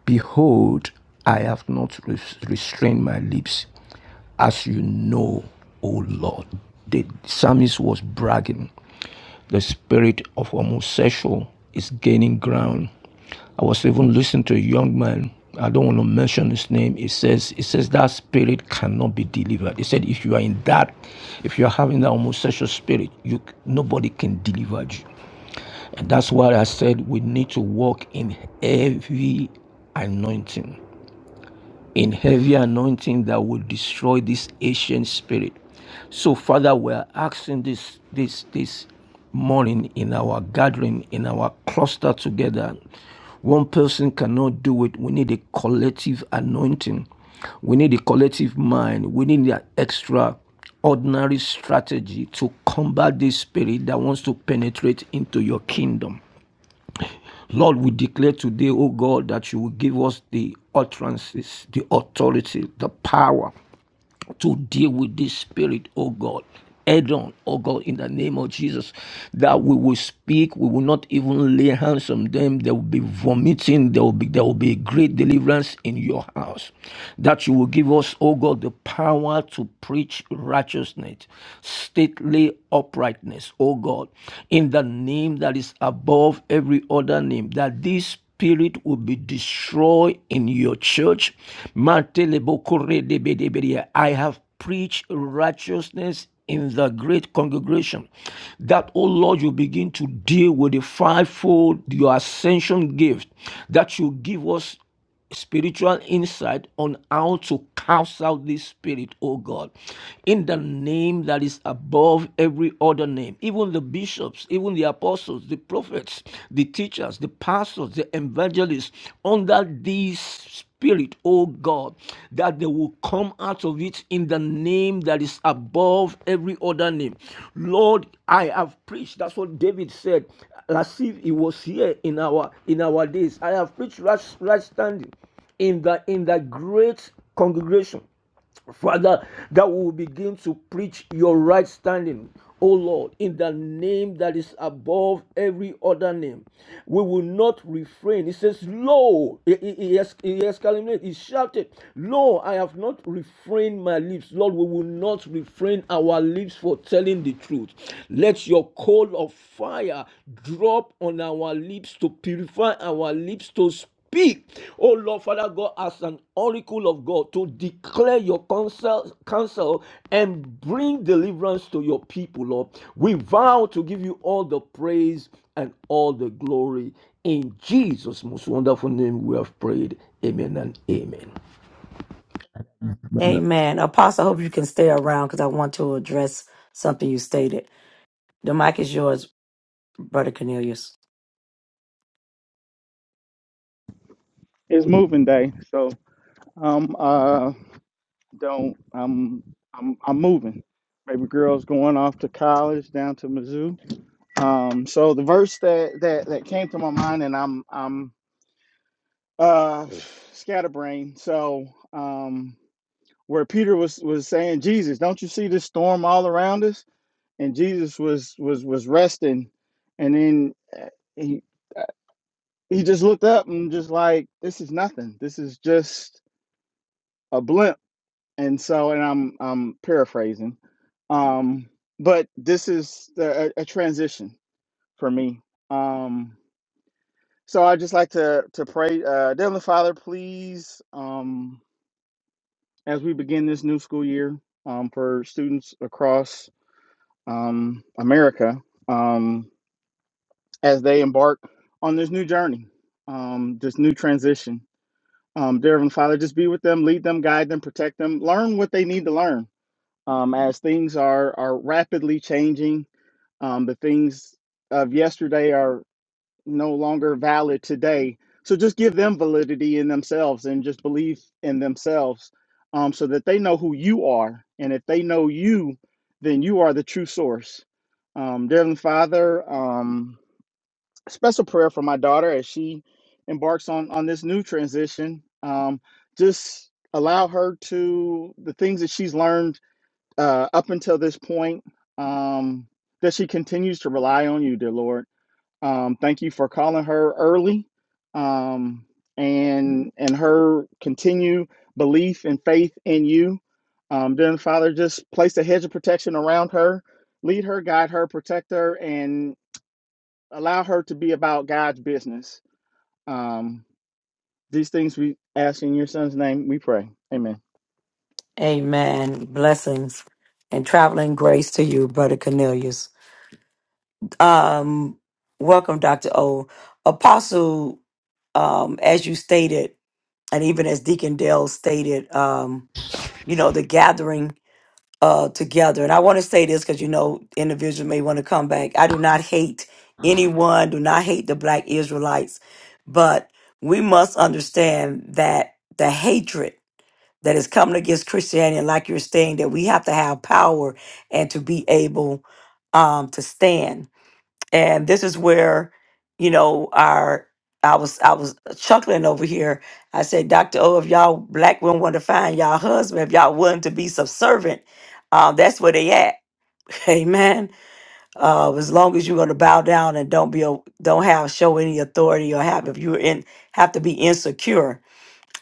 Behold, I have not restrained my lips as you know, O Lord. The psalmist was bragging. The spirit of homosexual is gaining ground. I was even listening to a young man. I don't want to mention his name. It says, it says that spirit cannot be delivered. He said, if you are in that, if you are having that homosexual spirit, you nobody can deliver you. And that's why I said we need to walk in heavy anointing in heavy anointing that will destroy this ancient spirit. So, Father, we are asking this this this morning in our gathering, in our cluster together. One person cannot do it. We need a collective anointing. We need a collective mind. We need an extra ordinary strategy to combat this spirit that wants to penetrate into your kingdom. Lord, we declare today, oh God, that you will give us the utterances, the authority, the power to deal with this spirit, oh God. Head on, oh God, in the name of Jesus, that we will speak, we will not even lay hands on them. There will be vomiting, there will be there will be great deliverance in your house. That you will give us, oh God, the power to preach righteousness, stately uprightness, oh God, in the name that is above every other name, that this spirit will be destroyed in your church. I have preached righteousness in the great congregation. That, oh Lord, you begin to deal with the fivefold, your ascension gift, that you give us spiritual insight on how to cast out this spirit, oh God, in the name that is above every other name. Even the bishops, even the apostles, the prophets, the teachers, the pastors, the evangelists, under these spirit, oh God, that they will come out of it in the name that is above every other name. Lord, I have preached. That's what David said as if he was here in our in our days. I have preached right, right standing in the in the great congregation Father, that we will begin to preach your right standing, O Lord, in the name that is above every other name. We will not refrain. He says, Lo, he, he, he ex- he exclaimed, he shouted, Lo, I have not refrained my lips. Lord, we will not refrain our lips for telling the truth. Let your coal of fire drop on our lips to purify our lips to speak speak, oh Lord Father God, as an oracle of God to declare your counsel, counsel and bring deliverance to your people, Lord. We vow to give you all the praise and all the glory. In Jesus' most wonderful name, we have prayed. Amen and amen. Amen. Apostle, I hope you can stay around because I want to address something you stated. The mic is yours, Brother Cornelius. It's moving day, so um uh don't I'm I'm I'm moving. Baby girl's going off to college down to Mizzou. Um, so the verse that that that came to my mind, and I'm I'm uh scatterbrained. So um, where Peter was was saying, Jesus, don't you see this storm all around us? And Jesus was was was resting, and then uh, he uh, he just looked up and just like, this is nothing. This is just a blimp and so and I'm I'm paraphrasing, um, but this is the, a, a transition for me. Um, so I just like to to pray, uh, Heavenly Father, please, um, as we begin this new school year um, for students across um, America, um, as they embark on this new journey, um, this new transition. Um, dear Heavenly Father, just be with them, lead them, guide them, protect them, learn what they need to learn um, as things are are rapidly changing. Um, the things of yesterday are no longer valid today. So just give them validity in themselves and just believe in themselves, um, so that they know who you are. And if they know you, then you are the true source. Um, dear Heavenly Father, um, special prayer for my daughter as she embarks on on this new transition. Um, just allow her to the things that she's learned uh, up until this point, um, that she continues to rely on you, dear Lord. Um, thank you for calling her early, um, and and her continued belief and faith in you. Um, then Father, just place a hedge of protection around her, lead her, guide her, protect her, and allow her to be about God's business. Um, these things we ask in your Son's name. We pray, Amen. Amen. Blessings and traveling grace to you, Brother Cornelius. Um, welcome, Dr. O. Apostle, um, as you stated, and even as Deacon Dale stated, um, you know, the gathering. uh, together. And I want to say this because you know, individuals may want to come back. I do not hate anyone, do not hate the black Israelites, but we must understand that the hatred that is coming against Christianity, and like you're saying, that we have to have power and to be able um, to stand and this is where you know our i was i was chuckling over here i said dr o if y'all black women want to find y'all husband if y'all willing to be subservient uh, that's where they at amen uh, as long as you're going to bow down and don't be a, don't have show any authority or have if you're in have to be insecure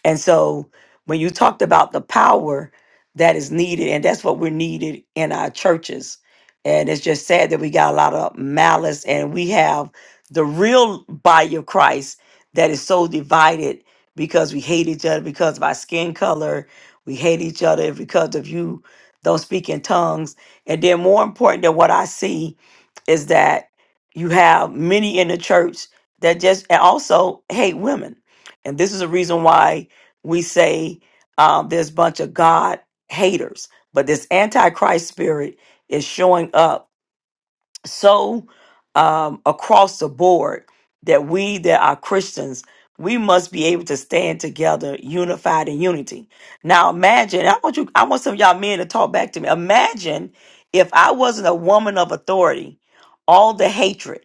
and so when you talked about the power that is needed, and that's what we're needed in our churches. And it's just sad that we got a lot of malice and we have the real body of Christ that is so divided because we hate each other because of our skin color. We hate each other because of you don't speak in tongues. And then more important than what I see is that you have many in the church that just and also hate women. And this is a reason why we say um, there's a bunch of God haters, but this antichrist spirit is showing up so um, across the board that we that are Christians, we must be able to stand together, unified in unity. Now imagine, I want you, I want some of y'all men to talk back to me. Imagine if I wasn't a woman of authority, all the hatred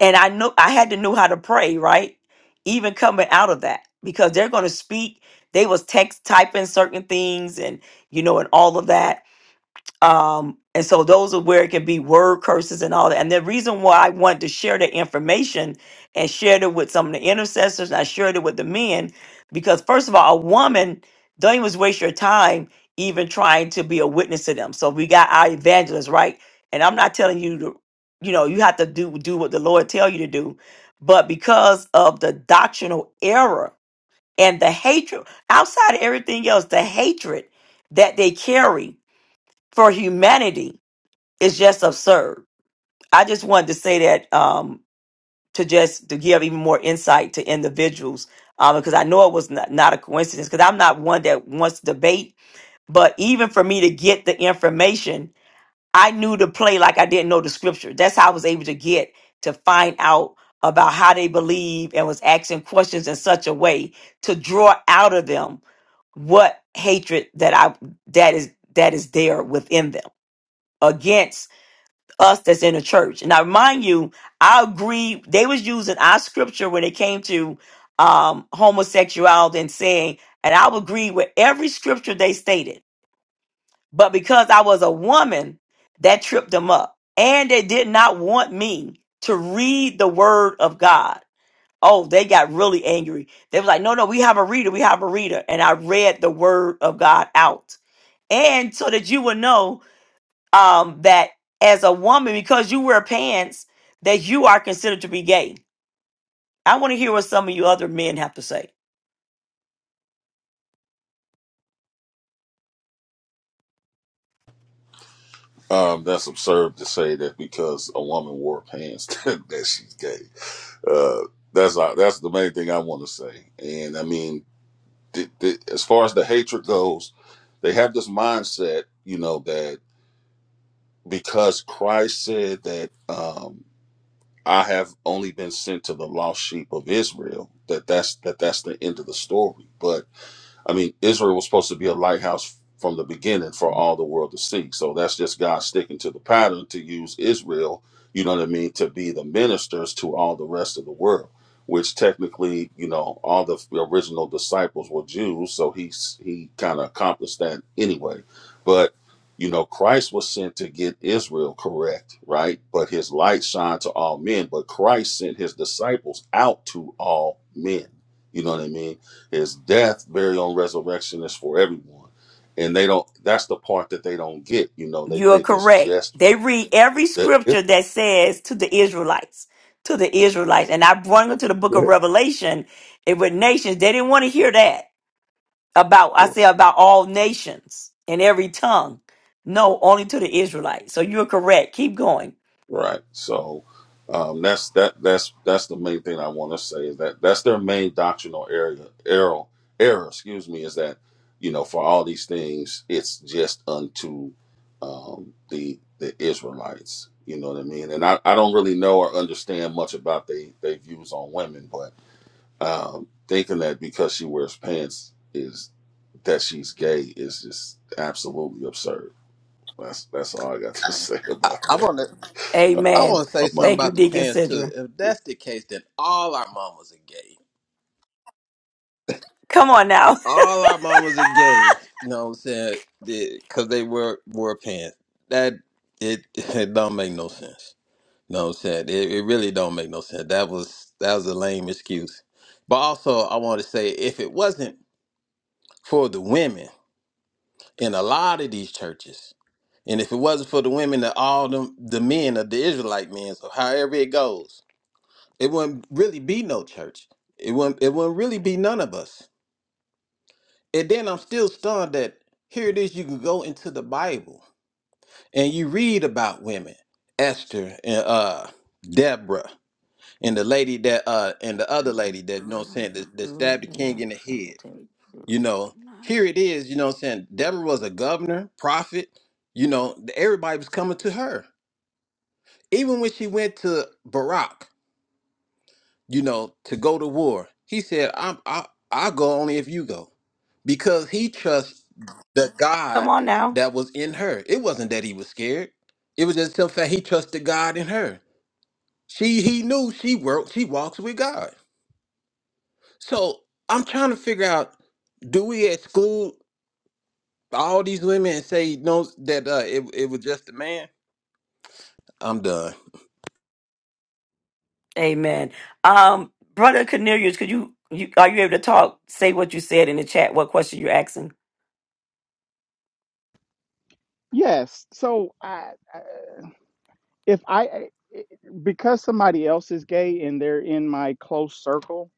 and I know I had to know how to pray, right? Even coming out of that, because they're going to speak. They was text typing certain things, and you know, and all of that um and so those are where it can be word curses and all that and the reason why i wanted to share the information and shared it with some of the intercessors and i shared it with the men because first of all a woman don't even waste your time even trying to be a witness to them so we got our evangelists right and i'm not telling you to you know you have to do do what the lord tell you to do but because of the doctrinal error and the hatred outside of everything else the hatred that they carry for humanity is just absurd. I just wanted to say that um, to just to give even more insight to individuals um, because I know it was not, not a coincidence because I'm not one that wants to debate, but even for me to get the information, I knew to play like I didn't know the scripture. That's how I was able to get to find out about how they believe and was asking questions in such a way to draw out of them what hatred that I that is that is there within them against us that's in the church. And I remind you, I agree. They was using our scripture when it came to um, homosexuality and saying, and I would agree with every scripture they stated. But because I was a woman, that tripped them up, and they did not want me to read the word of God. Oh, they got really angry. They was like, "No, no, we have a reader. We have a reader." And I read the word of God out, and so that you would know um, that as a woman, because you wear pants, that you are considered to be gay. I want to hear what some of you other men have to say. Um, that's absurd to say that because a woman wore pants that she gay. Uh, that's all, that's the main thing I want to say. And I mean, th- th- as far as the hatred goes, they have this mindset, you know, that because Christ said that um, I have only been sent to the lost sheep of Israel, that that's that that's the end of the story. But I mean, Israel was supposed to be a lighthouse from the beginning for all the world to see. So that's just God sticking to the pattern to use Israel, you know what I mean, to be the ministers to all the rest of the world, which technically, you know, all the original disciples were Jews, so he's he kind of accomplished that anyway. But you know, Christ was sent to get Israel correct, right? But his light shined to all men, but Christ sent his disciples out to all men. You know what I mean? His death, burial, and resurrection is for everyone, and they don't. That's the part that they don't get. You know, they You're think it's correct. just for They read every the scripture Israel. that says to the Israelites, to the Israelites. And I brought them to the book of Yeah. Revelation it with nations. They didn't want to hear that about, I say about all nations and every tongue. No, only to the Israelites. So you're correct. Keep going. right. So um, that's that. That's that's the main thing I want to say is that that's their main doctrinal area error error. Excuse me, is that you know for all these things it's just unto um, the the Israelites. You know what I mean? And I, I don't really know or understand much about they they views on women, but Um, thinking that because she wears pants is that she's gay is just absolutely absurd. That's that's all I got to say about I want that. to I Amen. want to say something Thank you, about the Deacon pants too. Sidra. If that's the case, then all our mamas are gay. Come on now. All our mamas are gay. You know what I'm saying? Because they wear wear pants. That it it don't make no sense. You know what I'm saying? It, it really don't make no sense. That was that was a lame excuse. But also, I want to say if it wasn't for the women in a lot of these churches, and if it wasn't for the women that all them the men of the Israelite men, so however it goes, It wouldn't really be no church. It wouldn't it wouldn't really be none of us. And then I'm still stunned that here it is you can go into the Bible and you read about women, Esther and uh Deborah and the lady that uh and the other lady that you know what I'm saying Um, that, that True, stabbed the you're king not in the sure head. they You do or know, not. here it is, you know what I'm saying? Deborah was a governor, prophet, you know, everybody was coming to her. Even when she went to Barack you know, to go to war. He said, I'm, I, I'll go only if you go. Because he trusts the God Come on now. that was in her. It wasn't that he was scared. It was just the fact he trusted God in her. She he knew she worked, she walks with God. So I'm trying to figure out, do we exclude all these women and say no that uh, it, it was just a man? I'm done. Amen. Um, Brother Cornelius, could you, you are you able to talk? Say what you said in the chat, what question you're asking. Yes. So I. I if I because somebody else is gay and they're in my close circle,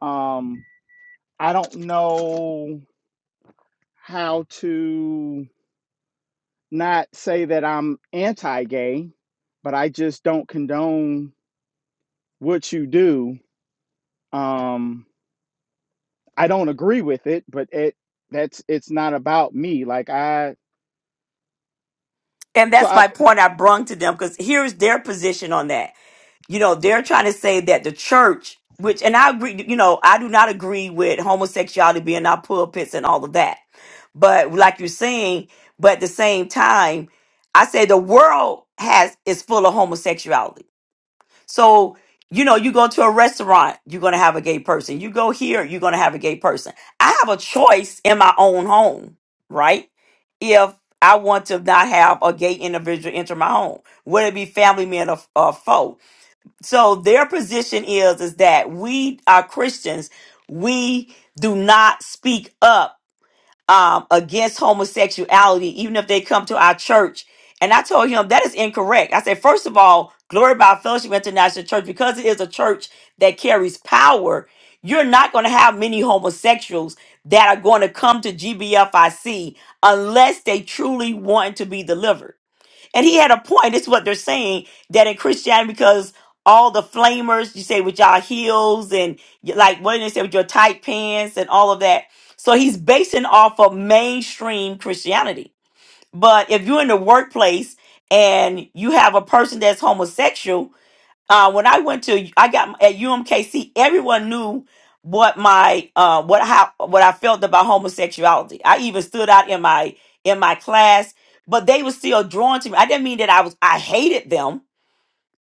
um, I don't know how to not say that I'm anti-gay, but I just don't condone what you do. Um, I don't agree with it, but it that's it's not about me. Like I And so that's I my point I brung to them because here's their position on that. you know they're trying to say that the church which and i agree you know i do not agree with homosexuality being in our pulpits and all of that but like you're saying but at the same time i say the world has is full of homosexuality so you know you go to a restaurant you're going to have a gay person you go here you're going to have a gay person i have a choice in my own home right if I want to not have a gay individual enter my home, whether it be family, man, or, or foe. So their position is is that we are Christians. We do not speak up um, against homosexuality, even if they come to our church. And I told him that is incorrect. I said, first of all, Glory by Fellowship International Church, because it is a church that carries power. You're not going to have many homosexuals that are going to come to GBFIC unless they truly want to be delivered. And he had a point. It's what they're saying that in Christianity, because all the flamers, you say with y'all heels and y- like what did they say with your tight pants and all of that. So he's basing off of mainstream Christianity. But if you're in the workplace and you have a person that's homosexual, uh, when I went to I got at UMKC, everyone knew what my uh, what how what I felt about homosexuality. I even stood out in my in my class, but they were still drawn to me. I didn't mean that I was I hated them,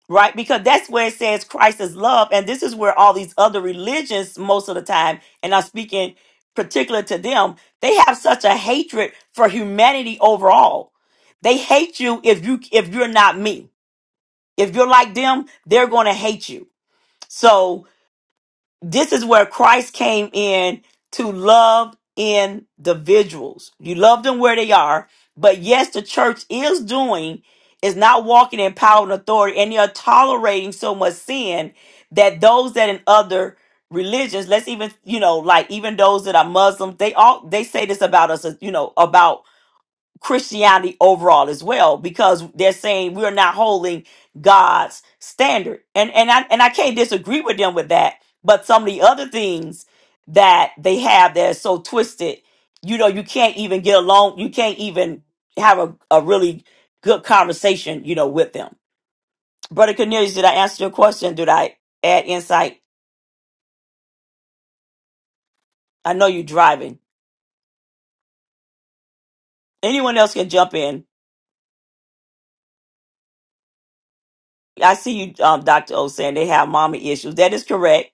right? Because that's where it says Christ is love, and this is where all these other religions most of the time, and I'm speaking particular to them, they have such a hatred for humanity overall. They hate you if you if you're not me. If you're like them, they're going to hate you so this is where Christ came in to love individuals. You love them where they are, but yes, the church is doing is not walking in power and authority, and they are tolerating so much sin that those that in other religions, let's even you know, like even those that are Muslim, they all they say this about us, you know, about Christianity overall as well because they're saying we're not holding God's standard. And and I and I can't disagree with them with that, but some of the other things that they have that are so twisted, you know, you can't even get along, you can't even have a, a really good conversation, you know, with them. Brother Cornelius, did I answer your question? Did I add insight? I know you're driving. Anyone else can jump in. I see you, um, Dr. O saying they have mommy issues. That is correct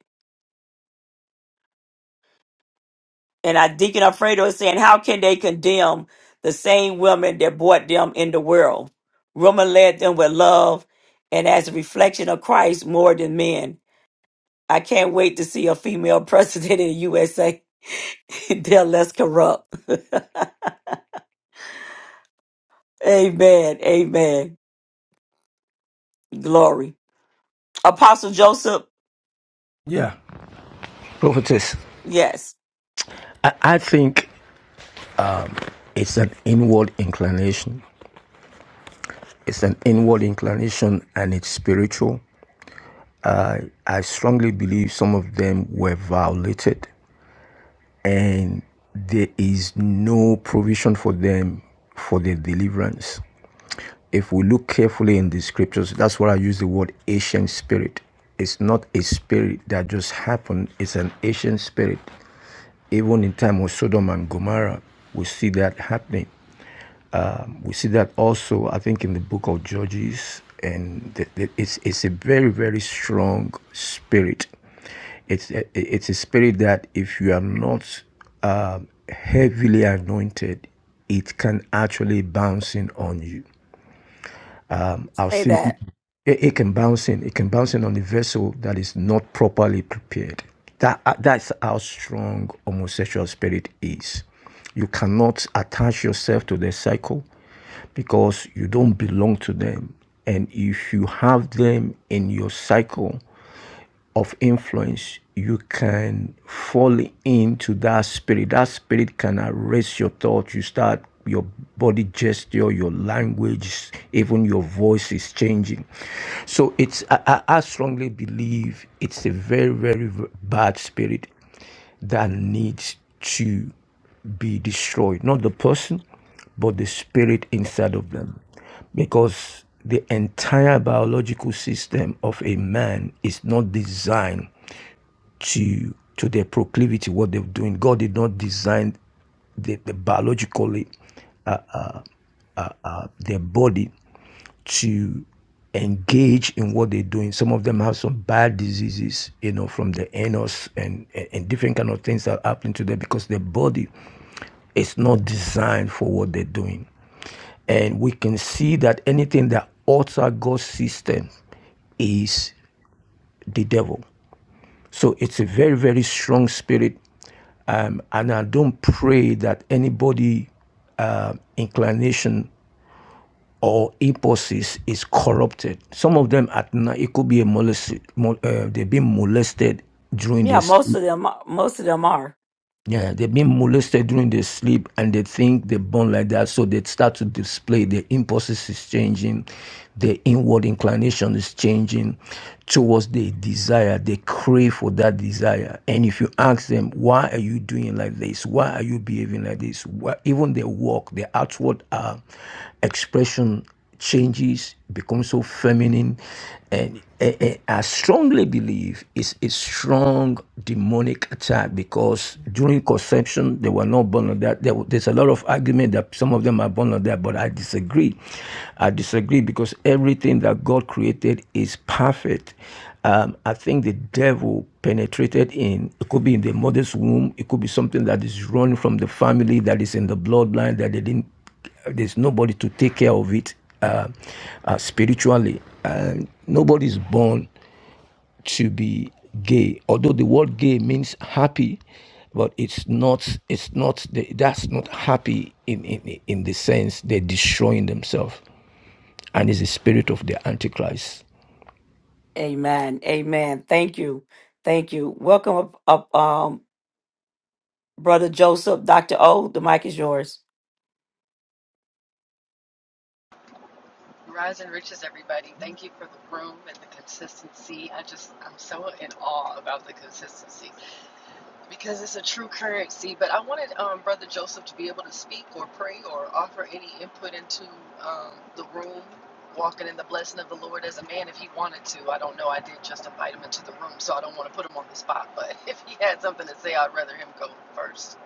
And I Deacon Alfredo is saying, How can they condemn the same women that brought them in the world? Women led them with love and as a reflection of Christ more than men. I can't wait to see a female president in the USA. They're less corrupt. Amen. Amen. Glory. Apostle Joseph, Yeah. Prophetess, yes. I, I think it's an inward inclination. It's an inward inclination and it's spiritual. I strongly believe some of them were violated. and there is no provision for them for their deliverance. If we look carefully in the scriptures, that's why I use the word ancient spirit. It's not a spirit that just happened, it's an ancient spirit. Even in time of Sodom and Gomorrah, we see that happening. Um, we see that also, I think, in the book of Judges, and the, the, it's it's a very very strong spirit. It's a, it's a spirit that if you are not um heavily anointed, it can actually bounce in on you. I've Say seen that. people, it, it can bounce in. It can bounce in on a vessel that is not properly prepared. That uh, That's how strong homosexual spirit is. You cannot attach yourself to their cycle because you don't belong to them. And if you have them in your cycle, of influence, you can fall into that spirit. That spirit can erase your thoughts. You start your body gesture, your language, even your voice is changing. So it's I, I strongly believe it's a very very bad spirit that needs to be destroyed. Not the person, but the spirit inside of them. Because the entire biological system of a man is not designed to to their proclivity, what they're doing. God did not design the, the biologically uh, their body to engage in what they're doing. Some of them have some bad diseases, you know, from the anus and, and, and different kind of things that happen to them because their body It's not designed for what they're doing. And we can see that anything that alters God's system is the devil. So it's a very, very strong spirit. Um, and I don't pray that anybody uh, inclination or impulses is corrupted. Some of them at night, it could be a molested, uh, they've been molested during Yeah, this. most of them most of them are. Yeah, they've been molested during their sleep and they think they're born like that. So they start to display their impulses is changing, their inward inclination is changing towards the desire. They crave for that desire. And if you ask them, why are you doing like this? Why are you behaving like this? Why, even their walk, their outward uh, expression changes, become so feminine. And eh, eh, I strongly believe it's a strong demonic attack because during conception, they were not born on that. There, there's a lot of argument that some of them are born on that, but I disagree. I disagree because everything that God created is perfect. Um, I think the devil penetrated in, it could be in the mother's womb, it could be something that is run from the family, that is in the bloodline, that they didn't there's nobody to take care of it uh, uh, spiritually. And nobody is born to be gay. Although the word gay means happy, but it's not. It's not. The, that's not happy in, in in the sense they're destroying themselves, and it's the spirit of the antichrist. Amen. Amen. Thank you. Thank you. Welcome up, Brother Joseph, Dr. O, the mic is yours. Rise and riches, everybody. Thank you for the room and the consistency. I just, I'm so in awe about the consistency because it's a true currency. But I wanted um, Brother Joseph to be able to speak or pray or offer any input into um, the room, walking in the blessing of the Lord as a man if he wanted to. I don't know. I did just invite him into the room, so I don't want to put him on the spot. But if he had something to say, I'd rather him go first.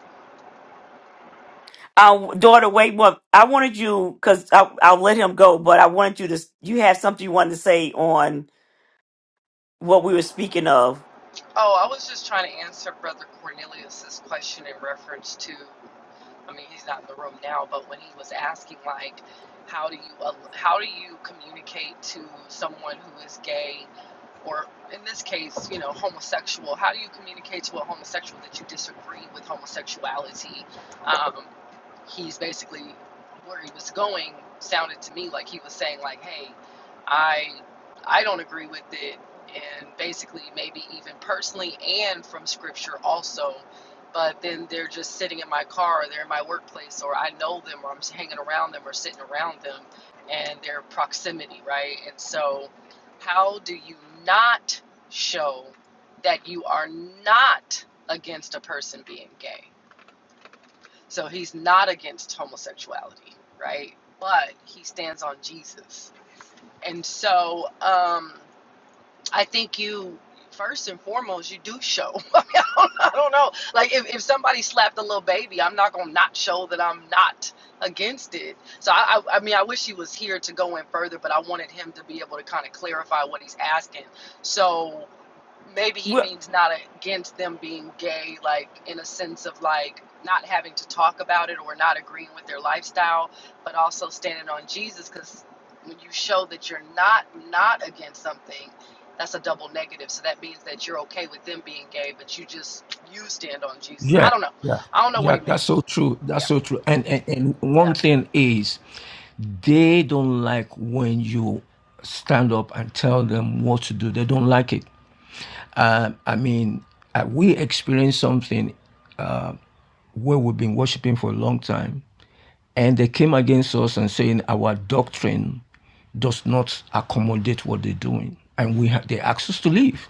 Uh, daughter, wait, what? I wanted you, because I'll let him go, but I wanted you to, you have something you wanted to say on what we were speaking of. Oh, I was just trying to answer Brother Cornelius's question in reference to. I mean, he's not in the room now, but when he was asking, like, how do you al- how do you communicate to someone who is gay, or in this case, you know, homosexual? How do you communicate to a homosexual that you disagree with homosexuality? Um, he's basically where he was going sounded to me like he was saying, like, hey, I I don't agree with it, and basically maybe even personally and from scripture also but then they're just sitting in my car or they're in my workplace or I know them or I'm hanging around them or sitting around them and their proximity, right? And so, how do you not show that you are not against a person being gay? So, he's not against homosexuality, right? But he stands on Jesus. And so, um, I think you first and foremost you do show. I, mean, I, don't, I don't know. Like if, if somebody slapped a little baby, I'm not gonna not show that I'm not against it. So I, I I mean I wish he was here to go in further, but I wanted him to be able to kind of clarify what he's asking. So maybe he Well, means not against them being gay, like in a sense of like not having to talk about it or not agreeing with their lifestyle, but also standing on Jesus because when you show that you're not not against something, that's a double negative. So that means that you're okay with them being gay, but you just you stand on Jesus. Yeah, I don't know. yeah, I don't know what yeah. he meant. That's so true. That's Yeah, so true. And and, and Yeah. one thing is, they don't like when you stand up and tell them what to do. They don't like it. Uh, I mean, uh, we experienced something uh, where we've been worshiping for a long time, and they came against us and saying our doctrine does not accommodate what they're doing, and we have they asked us to leave.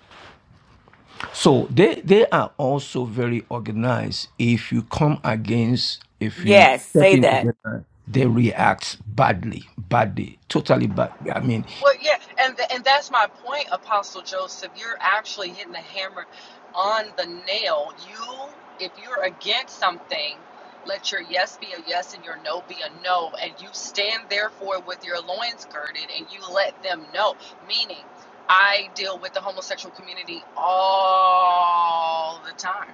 So they they are also very organized. If you come against, if you yes, step say into that. their line, they react badly, badly, totally bad. I mean, Well, yeah, and th- and that's my point, Apostle Joseph. You're actually hitting the hammer on the nail. You, if you're against something, let your yes be a yes and your no be a no, and you stand therefore with your loins girded, and you let them know. Meaning, I deal with the homosexual community all the time.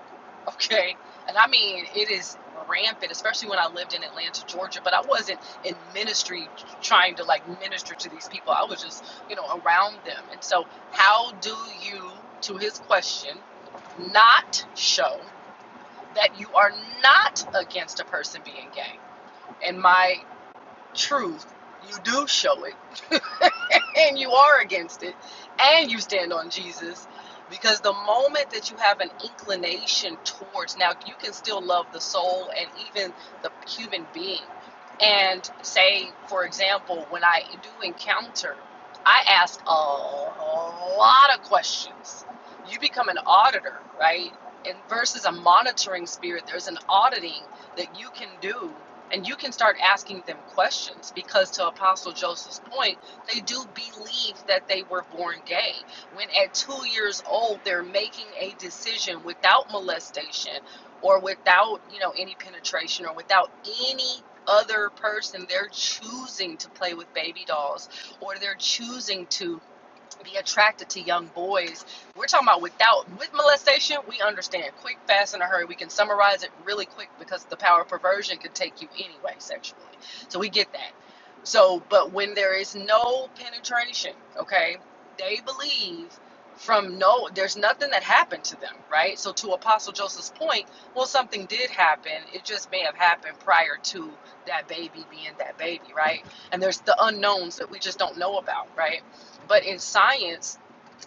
Okay, and I mean it is rampant, especially when I lived in Atlanta, Georgia. But I wasn't in ministry trying to like minister to these people i was just you know around them and so how do you to his question not show that you are not against a person being gay and my truth you do show it and you are against it and you stand on Jesus because the moment that you have an inclination towards now you can still love the soul and even the human being and say for example when I do encounter I ask a lot of questions you become an auditor right and versus a monitoring spirit there's an auditing that you can do and you can start asking them questions because to apostle joseph's point they do believe that they were born gay. When at two years old, they're making a decision without molestation or without, you know, any penetration or without any other person. They're choosing to play with baby dolls or they're choosing to be attracted to young boys. We're talking about without with molestation, we understand quick, fast, in a hurry. We can summarize it really quick because the power of perversion could take you anyway sexually. So we get that. So, but when there is no penetration, okay, they believe from no, there's nothing that happened to them, right? So, to Apostle Joseph's point, well, something did happen. It just may have happened prior to that baby being that baby, right? And there's the unknowns that we just don't know about, right? But in science,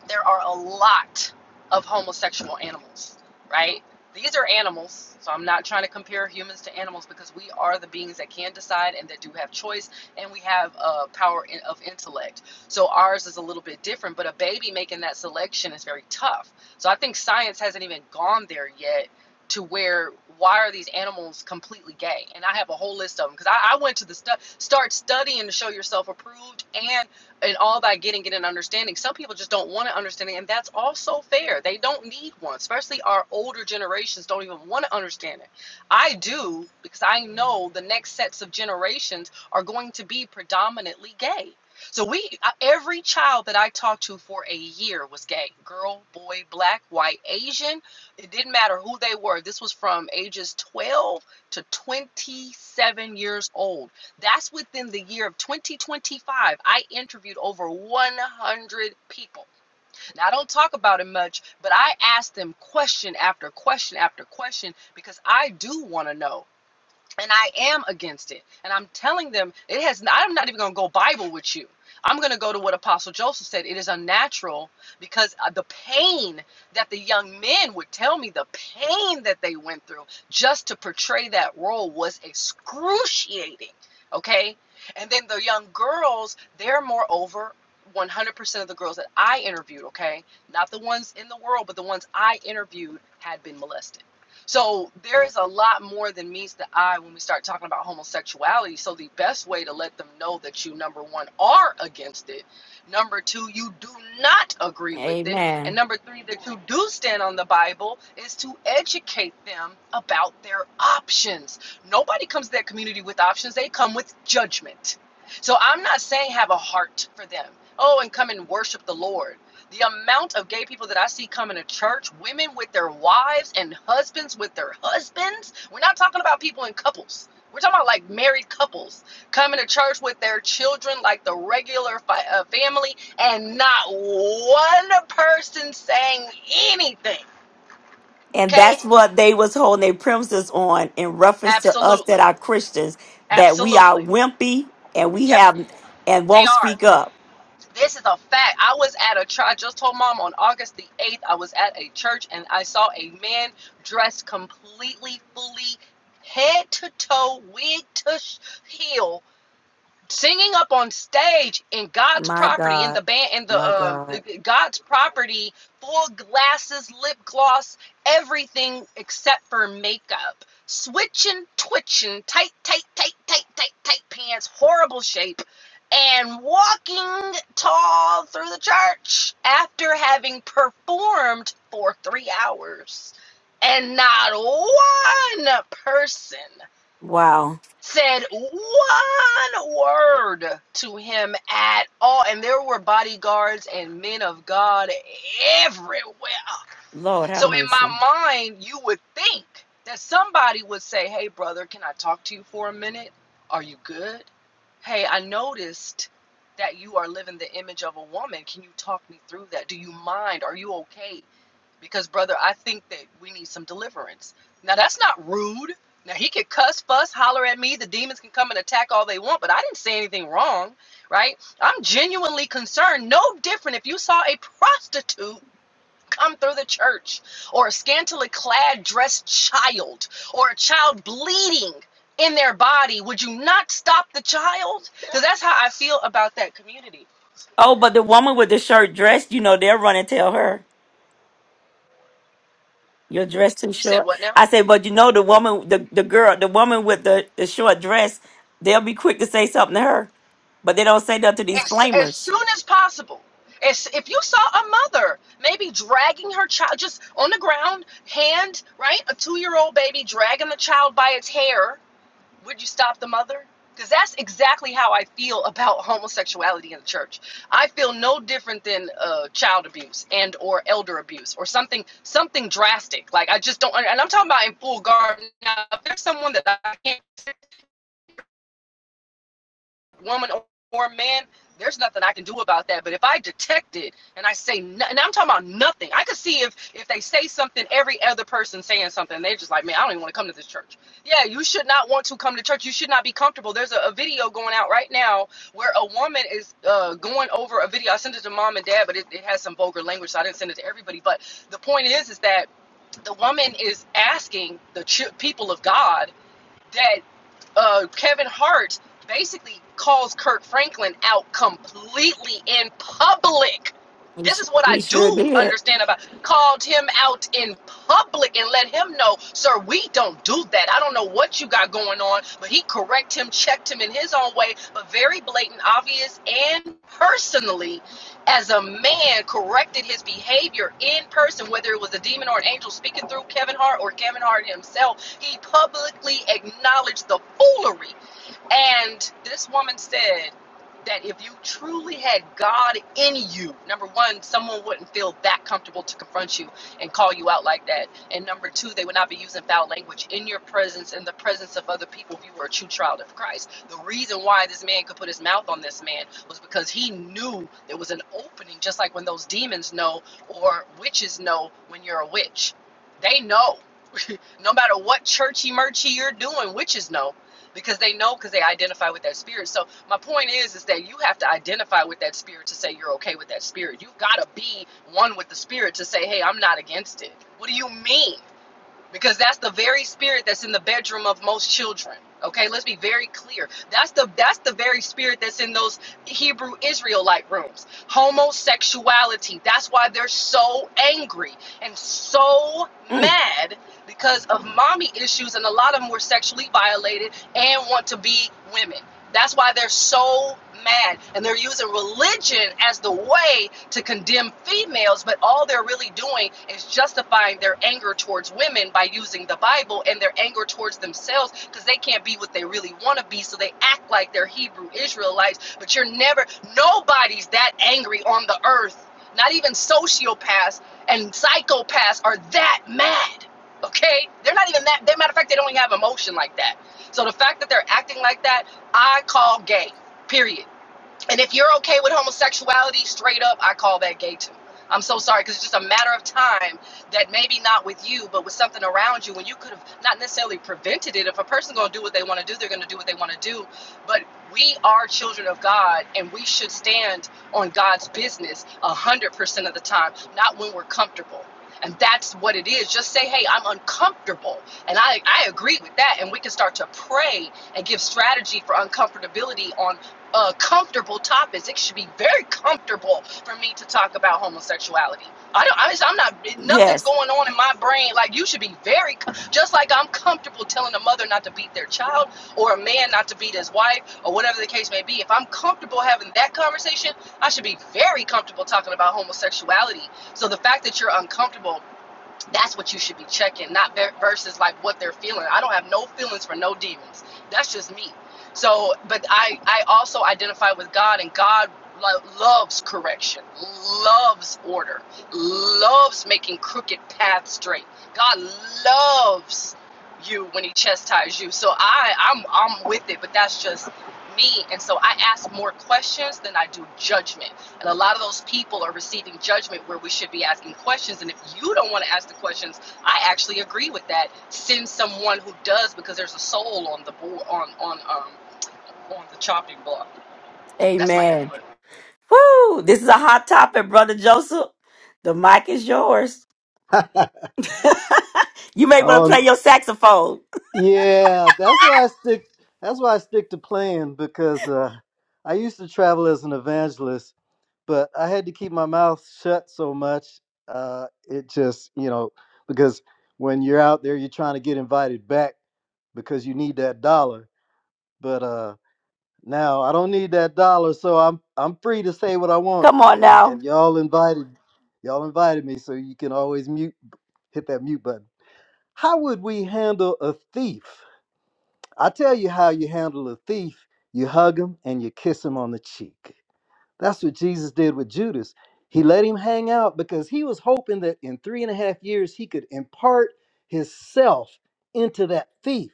there are a lot of homosexual animals, right? These are animals, so I'm not trying to compare humans to animals because we are the beings that can decide and that do have choice, and we have uh, power in, of intellect. So ours is a little bit different, but a baby making that selection is very tough. So I think science hasn't even gone there yet to where why are these animals completely gay? And I have a whole list of them because I, I went to the stu- start studying to show yourself approved and and all by getting it an understanding. Some people just don't want an understanding, and that's also fair. They don't need one, especially our older generations don't even want to understand it. I do because I know the next sets of generations are going to be predominantly gay. So we every child that I talked to for a year was gay. Girl, boy, black, white, Asian, it didn't matter who they were. This was from ages 12 to 27 years old that's within the year of 2025. I interviewed over 100 people. Now, I don't talk about it much, but I asked them question after question after question because I do want to know and I am against it. And I'm telling them it has. I'm not even going to go Bible with you. I'm going to go to what Apostle Joseph said. It is unnatural because uh, the pain that the young men would tell me, the pain that they went through just to portray that role was excruciating. Okay, and then the young girls, they're moreover. 100% of the girls that I interviewed, okay, not the ones in the world, but the ones I interviewed had been molested so there is a lot more than meets the eye when we start talking about homosexuality. So the best way to let them know that you number one are against it, number two you do not agree with it, and Amen. number three that you do stand on the Bible is to educate them about their options. Nobody comes to their community with options; they come with judgment. So I'm not saying have a heart for them. Oh, and come and worship the Lord. The amount of gay people that I see coming to church, women with their wives and husbands with their husbands. We're not talking about people in couples. We're talking about like married couples coming to church with their children, like the regular fi- uh, family, and not one person saying anything. And that's Okay? what they was holding their premises on in reference to us that Absolutely. are Christians, that we are Absolutely. wimpy and we Yep, have, and they won't are. speak up. This is a fact. I was at a church. I just told mom on August the 8th, I was at a church and I saw a man dressed completely, fully, head to toe, wig to heel, singing up on stage in God's My property in God. the band in the My um God. God's property full glasses lip gloss everything except for makeup switching twitching tight tight tight tight tight tight pants horrible shape and walking tall through the church after having performed for 3 hours and not one person Wow. said one word to him at all. And there were bodyguards and men of God everywhere. Lord have So, in mercy. my mind, you would think that somebody would say, Hey, brother, can I talk to you for a minute? Are you good? Hey, I noticed that you are living the image of a woman. Can you talk me through that? Do you mind? Are you okay? because brother i think that we need some deliverance now that's not rude now he could cuss fuss holler at me the demons can come and attack all they want but i didn't say anything wrong right i'm genuinely concerned no different if you saw a prostitute come through the church or a scantily clad dressed child or a child bleeding in their body would you not stop the child because that's how i feel about that community Oh, but the woman with the short dress, you know, they'll run and tell her your dress too you said short. what now I say, but you know, the woman, the, the girl, the woman with the, the short dress, they'll be quick to say something to her, but they don't say nothing to these as, as flamers. soon as possible. As, if you saw a mother maybe dragging her child just on the ground, hand, right? A two year old baby dragging the child by its hair, would you stop the mother? Because that's exactly how I feel about homosexuality in the church. I feel no different than uh, child abuse and or elder abuse or something something drastic. Like I just don't, and I'm talking about in full garb. Now, if there's someone that I can't woman or man, there's nothing I can do about that. But if I detect it and I say, no, and I'm talking about nothing, I could see if if they say something, every other person saying something, they're just like, man, I don't even want to come to this church. Yeah, you should not want to come to church. You should not be comfortable. There's a, a video going out right now where a woman is uh, going over a video. I sent it to mom and dad, but it, it has some vulgar language, so I didn't send it to everybody. But the point is, is that the woman is asking the ch- people of God that uh, Kevin Hart basically calls Kirk Franklin out completely in public. He This su- is what I we sure do did. understand about called him out in public and let him know, sir, we don't do that. I don't know what you got going on, but he correct him, checked him in his own way, but very blatant, obvious, and personally, as a man, corrected his behavior in person, whether it was a demon or an angel speaking through Kevin Hart or Kevin Hart himself he publicly acknowledged the foolery and this woman said that if you truly had God in you, number one, someone wouldn't feel that comfortable to confront you and call you out like that. And number two, they would not be using foul language in your presence, in the presence of other people, if you were a true child of Christ. The reason why this man could put his mouth on this man was because he knew there was an opening, just like when those demons know or witches know when you're a witch. They know no matter what churchy merchy you're doing, witches know because they know because they identify with that spirit. So my point is is that you have to identify with that spirit to say you're okay with that spirit. You've got to be one with the spirit to say, "Hey, I'm not against it." What do you mean? because that's the very spirit that's in the bedroom of most children okay let's be very clear that's the that's the very spirit that's in those hebrew israelite rooms homosexuality that's why they're so angry and so Mm, mad because of mommy issues and a lot of them were sexually violated and want to be women that's why they're so mad. And they're using religion as the way to condemn females, but all they're really doing is justifying their anger towards women by using the Bible and their anger towards themselves because they can't be what they really want to be. So they act like they're Hebrew Israelites, but you're never, nobody's that angry on the earth. Not even sociopaths and psychopaths are that mad. Okay? They're not even that. They, matter of fact, they don't even have emotion like that. So the fact that they're acting like that I call gay. Period. And if you're okay with homosexuality, straight up, I call that gay too. I'm so sorry because it's just a matter of time that maybe not with you, but with something around you, when you could have not necessarily prevented it. If a person's going to do what they want to do, they're going to do what they want to do. But we are children of God, and we should stand on God's business a hundred percent of the time, not when we're comfortable. And that's what it is. Just say, "Hey, I'm uncomfortable," and I I agree with that. And we can start to pray and give strategy for uncomfortability on uh, comfortable topics. It should be very comfortable for me to talk about homosexuality. I don't. I, I'm not. Nothing's yes, going on in my brain. Like you should be very. Just like I'm comfortable telling a mother not to beat their child, or a man not to beat his wife, or whatever the case may be. If I'm comfortable having that conversation, I should be very comfortable talking about homosexuality. So the fact that you're uncomfortable that's what you should be checking, not ver- versus like what they're feeling. I don't have no feelings for no demons. That's just me. So, but I I also identify with God, and God lo- loves correction, loves order, loves making crooked paths straight. God loves you when He chastises you. So I I'm I'm with it, but that's just me. And so I ask more questions than I do judgment and a lot of those people are receiving judgment where we should be asking questions. And if you don't want to ask the questions, I actually agree with that. Send someone who does because there's a soul on the board on on um on the chopping block. That's my amen. input. Woo! This is a hot topic, brother Joseph. The mic is yours. You may want to Oh play your saxophone. yeah, that's why I stick. That's why I stick to playing because uh, I used to travel as an evangelist, but I had to keep my mouth shut so much. Uh, it just you know because when you're out there, you're trying to get invited back because you need that dollar. But uh, now I don't need that dollar, so I'm I'm free to say what I want, Come on and now. and y'all invited, y'all invited me, so you can always mute, hit that mute button. How would we handle a thief? I tell you how you handle a thief you hug him and you kiss him on the cheek. That's what Jesus did with Judas. He let him hang out because he was hoping that in three and a half years he could impart his self into that thief.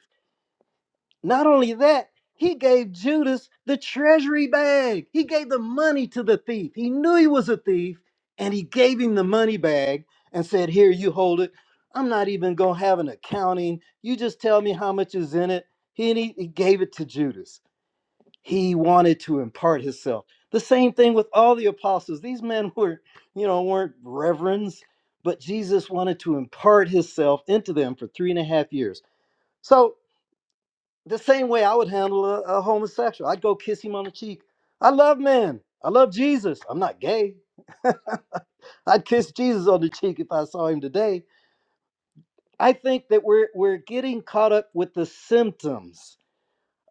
Not only that, he gave Judas the treasury bag. He gave the money to the thief. He knew he was a thief, and he gave him the money bag and said, Here, you hold it. I'm not even going to have an accounting. You just tell me how much is in it. He, and he, he gave it to Judas. He wanted to impart himself. The same thing with all the apostles. These men were, you know, weren't reverends, but Jesus wanted to impart himself into them for three and a half years. So the same way I would handle a, a homosexual. I'd go kiss him on the cheek. I love men. I love Jesus. I'm not gay. I'd kiss Jesus on the cheek if I saw him today. I think that we're we're getting caught up with the symptoms.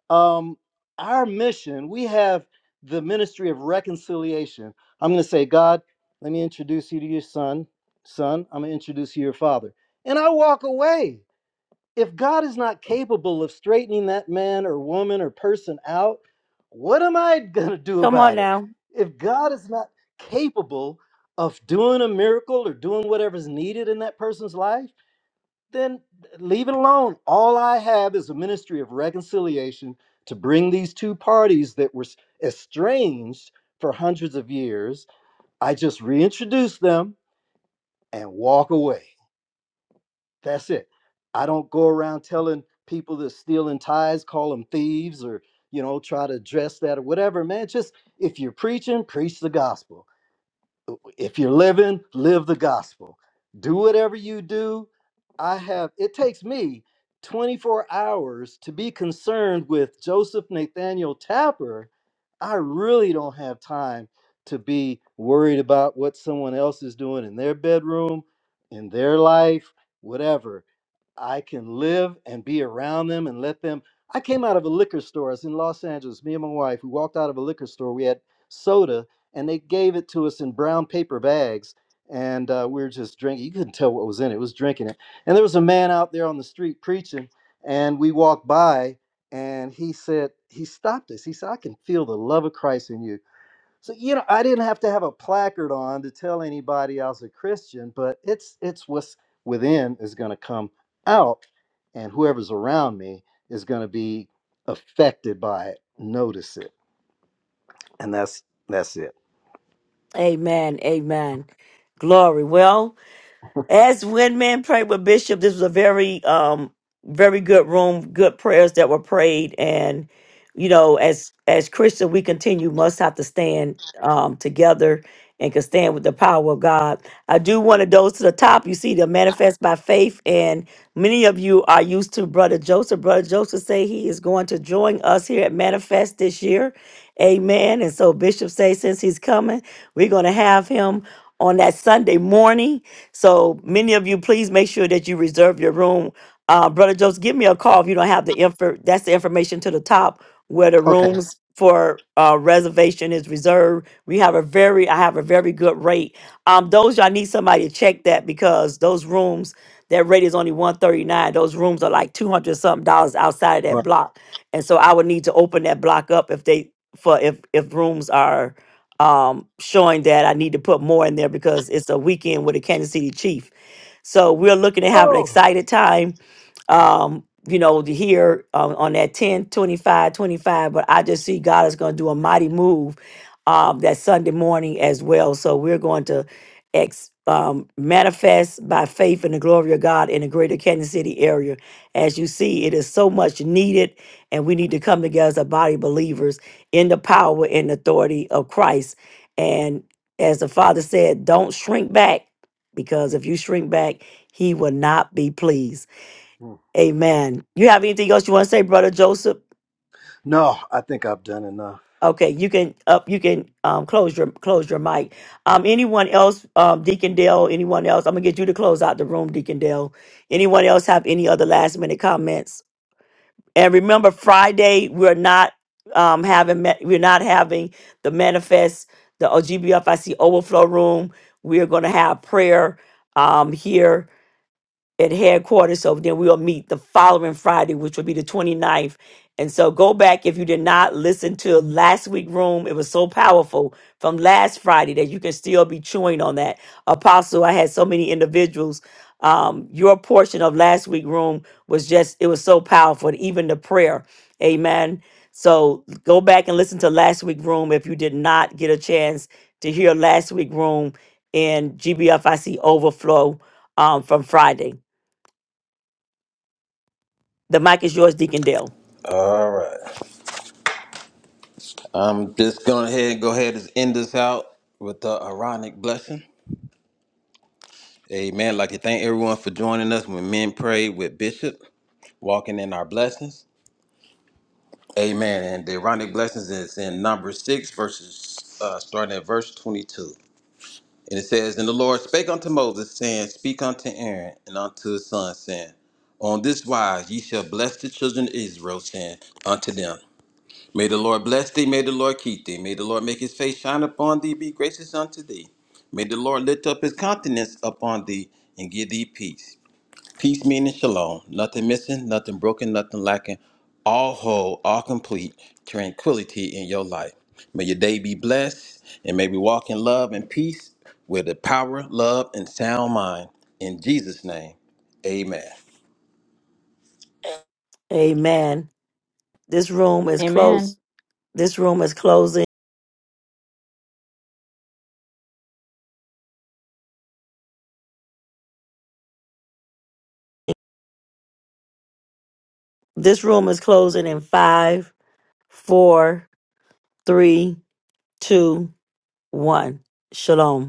Um, our mission, we have the ministry of reconciliation. I'm going to say, God, let me introduce you to your son. Son, I'm going to introduce you to your father. And I walk away if God is not capable of straightening that man or woman or person out, what am I going to do Come on about it? now. If God is not capable of doing a miracle or doing whatever's needed in that person's life, then leave it alone. All I have is a ministry of reconciliation to bring these two parties that were estranged for hundreds of years. I just reintroduce them and walk away. That's it. I don't go around telling people that stealing ties, call them thieves, or you know, try to address that or whatever, man. Just if you're preaching, preach the gospel. If you're living, live the gospel. Do whatever you do. I have it takes me 24 hours to be concerned with Joseph Nathaniel Tapper. I really don't have time to be worried about what someone else is doing in their bedroom, in their life, whatever I can live and be around them and let them. I came out of a liquor store. I was in Los Angeles. Me and my wife, we walked out of a liquor store. We had soda, and they gave it to us in brown paper bags. And uh, we were just drinking. You couldn't tell what was in it. It was drinking it. And there was a man out there on the street preaching. And we walked by, and he said, he stopped us. He said, "I can feel the love of Christ in you." So you know, I didn't have to have a placard on to tell anybody I was a Christian, but it's it's what's within is going to come out, and whoever's around me is going to be affected by it, notice it, and that's that's it. Amen. Amen. Glory. Well. As when men prayed with Bishop, this was a very, um, very good room, good prayers that were prayed, and you know, as as Christian, we continue must have to stand um, together and can stand with the power of God. I do want to those to the top. You see, the manifest by faith, and many of you are used to Brother Joseph. Brother Joseph say he is going to join us here at Manifest this year, Amen. And so Bishop say since he's coming, we're going to have him on that Sunday morning so many of you, please make sure that you reserve your room. Uh, Brother Joseph, give me a call if you don't have the info. That's the information to the top where the Okay. rooms for uh, reservation is reserved. We have a very, I have a very good rate. Um, those y'all need somebody to check that because those rooms, that rate is only one thirty nine. Those rooms are like two hundred something dollars outside of that Well, block, and so I would need to open that block up if they for if if rooms are um, showing that I need to put more in there because it's a weekend with a Kansas City Chief. So we're looking to have an oh excited time, um, you know, to hear um, on that 10 25 25. But I just see God is going to do a mighty move um, that Sunday morning as well. So we're going to ex- um, manifest by faith in the glory of God in the greater Kansas City area. As you see, it is so much needed, and we need to come together as a body of believers in the power and authority of Christ. And as the Father said, don't shrink back because if you shrink back, He will not be pleased. Amen. You have anything else you want to say, Brother Joseph? no, I think I've done enough. Okay, you can up. You can um, close your close your mic. Um, anyone else, um, Deacon Dale? Anyone else? I'm gonna get you to close out the room, Deacon Dale. Anyone else have any other last minute comments? And remember, Friday we're not um, having ma- we're not having the manifest the OGBFIC overflow room. We're going to have prayer um, here at headquarters. So then we'll meet the following Friday, which will be the 29th. And so go back if you did not listen to last week' room. It was so powerful from last Friday that you can still be chewing on that. Apostle, I had so many individuals. Um, your portion of last week' room was just, it was so powerful, even the prayer. Amen. So go back and listen to last week' room if you did not get a chance to hear last week' room in GBFIC Overflow um, from Friday. The mic is yours, Deacon Dale. All right. I'm just going ahead and go ahead and end this out with the ironic blessing. Amen. I'd Like to thank everyone for joining us when men pray with Bishop, walking in our blessings. Amen. And the ironic blessings is in number six, verses uh, starting at verse twenty-two, and it says, "And the Lord spake unto Moses, saying, Speak unto Aaron and unto his son, saying, On this wise ye shall bless the children of Israel, saying unto them, May the Lord bless thee, may the Lord keep thee, may the Lord make his face shine upon thee, be gracious unto thee." May the Lord lift up his countenance upon thee and give thee peace. Peace, meaning shalom. Nothing missing, nothing broken, nothing lacking. All whole, all complete, tranquility in your life. May your day be blessed and may we walk in love and peace with the power, love, and sound mind. In Jesus' name, amen. Amen. This room is Amen. closed. This room is closing. This room is closing in five, four, three, two, one. Shalom.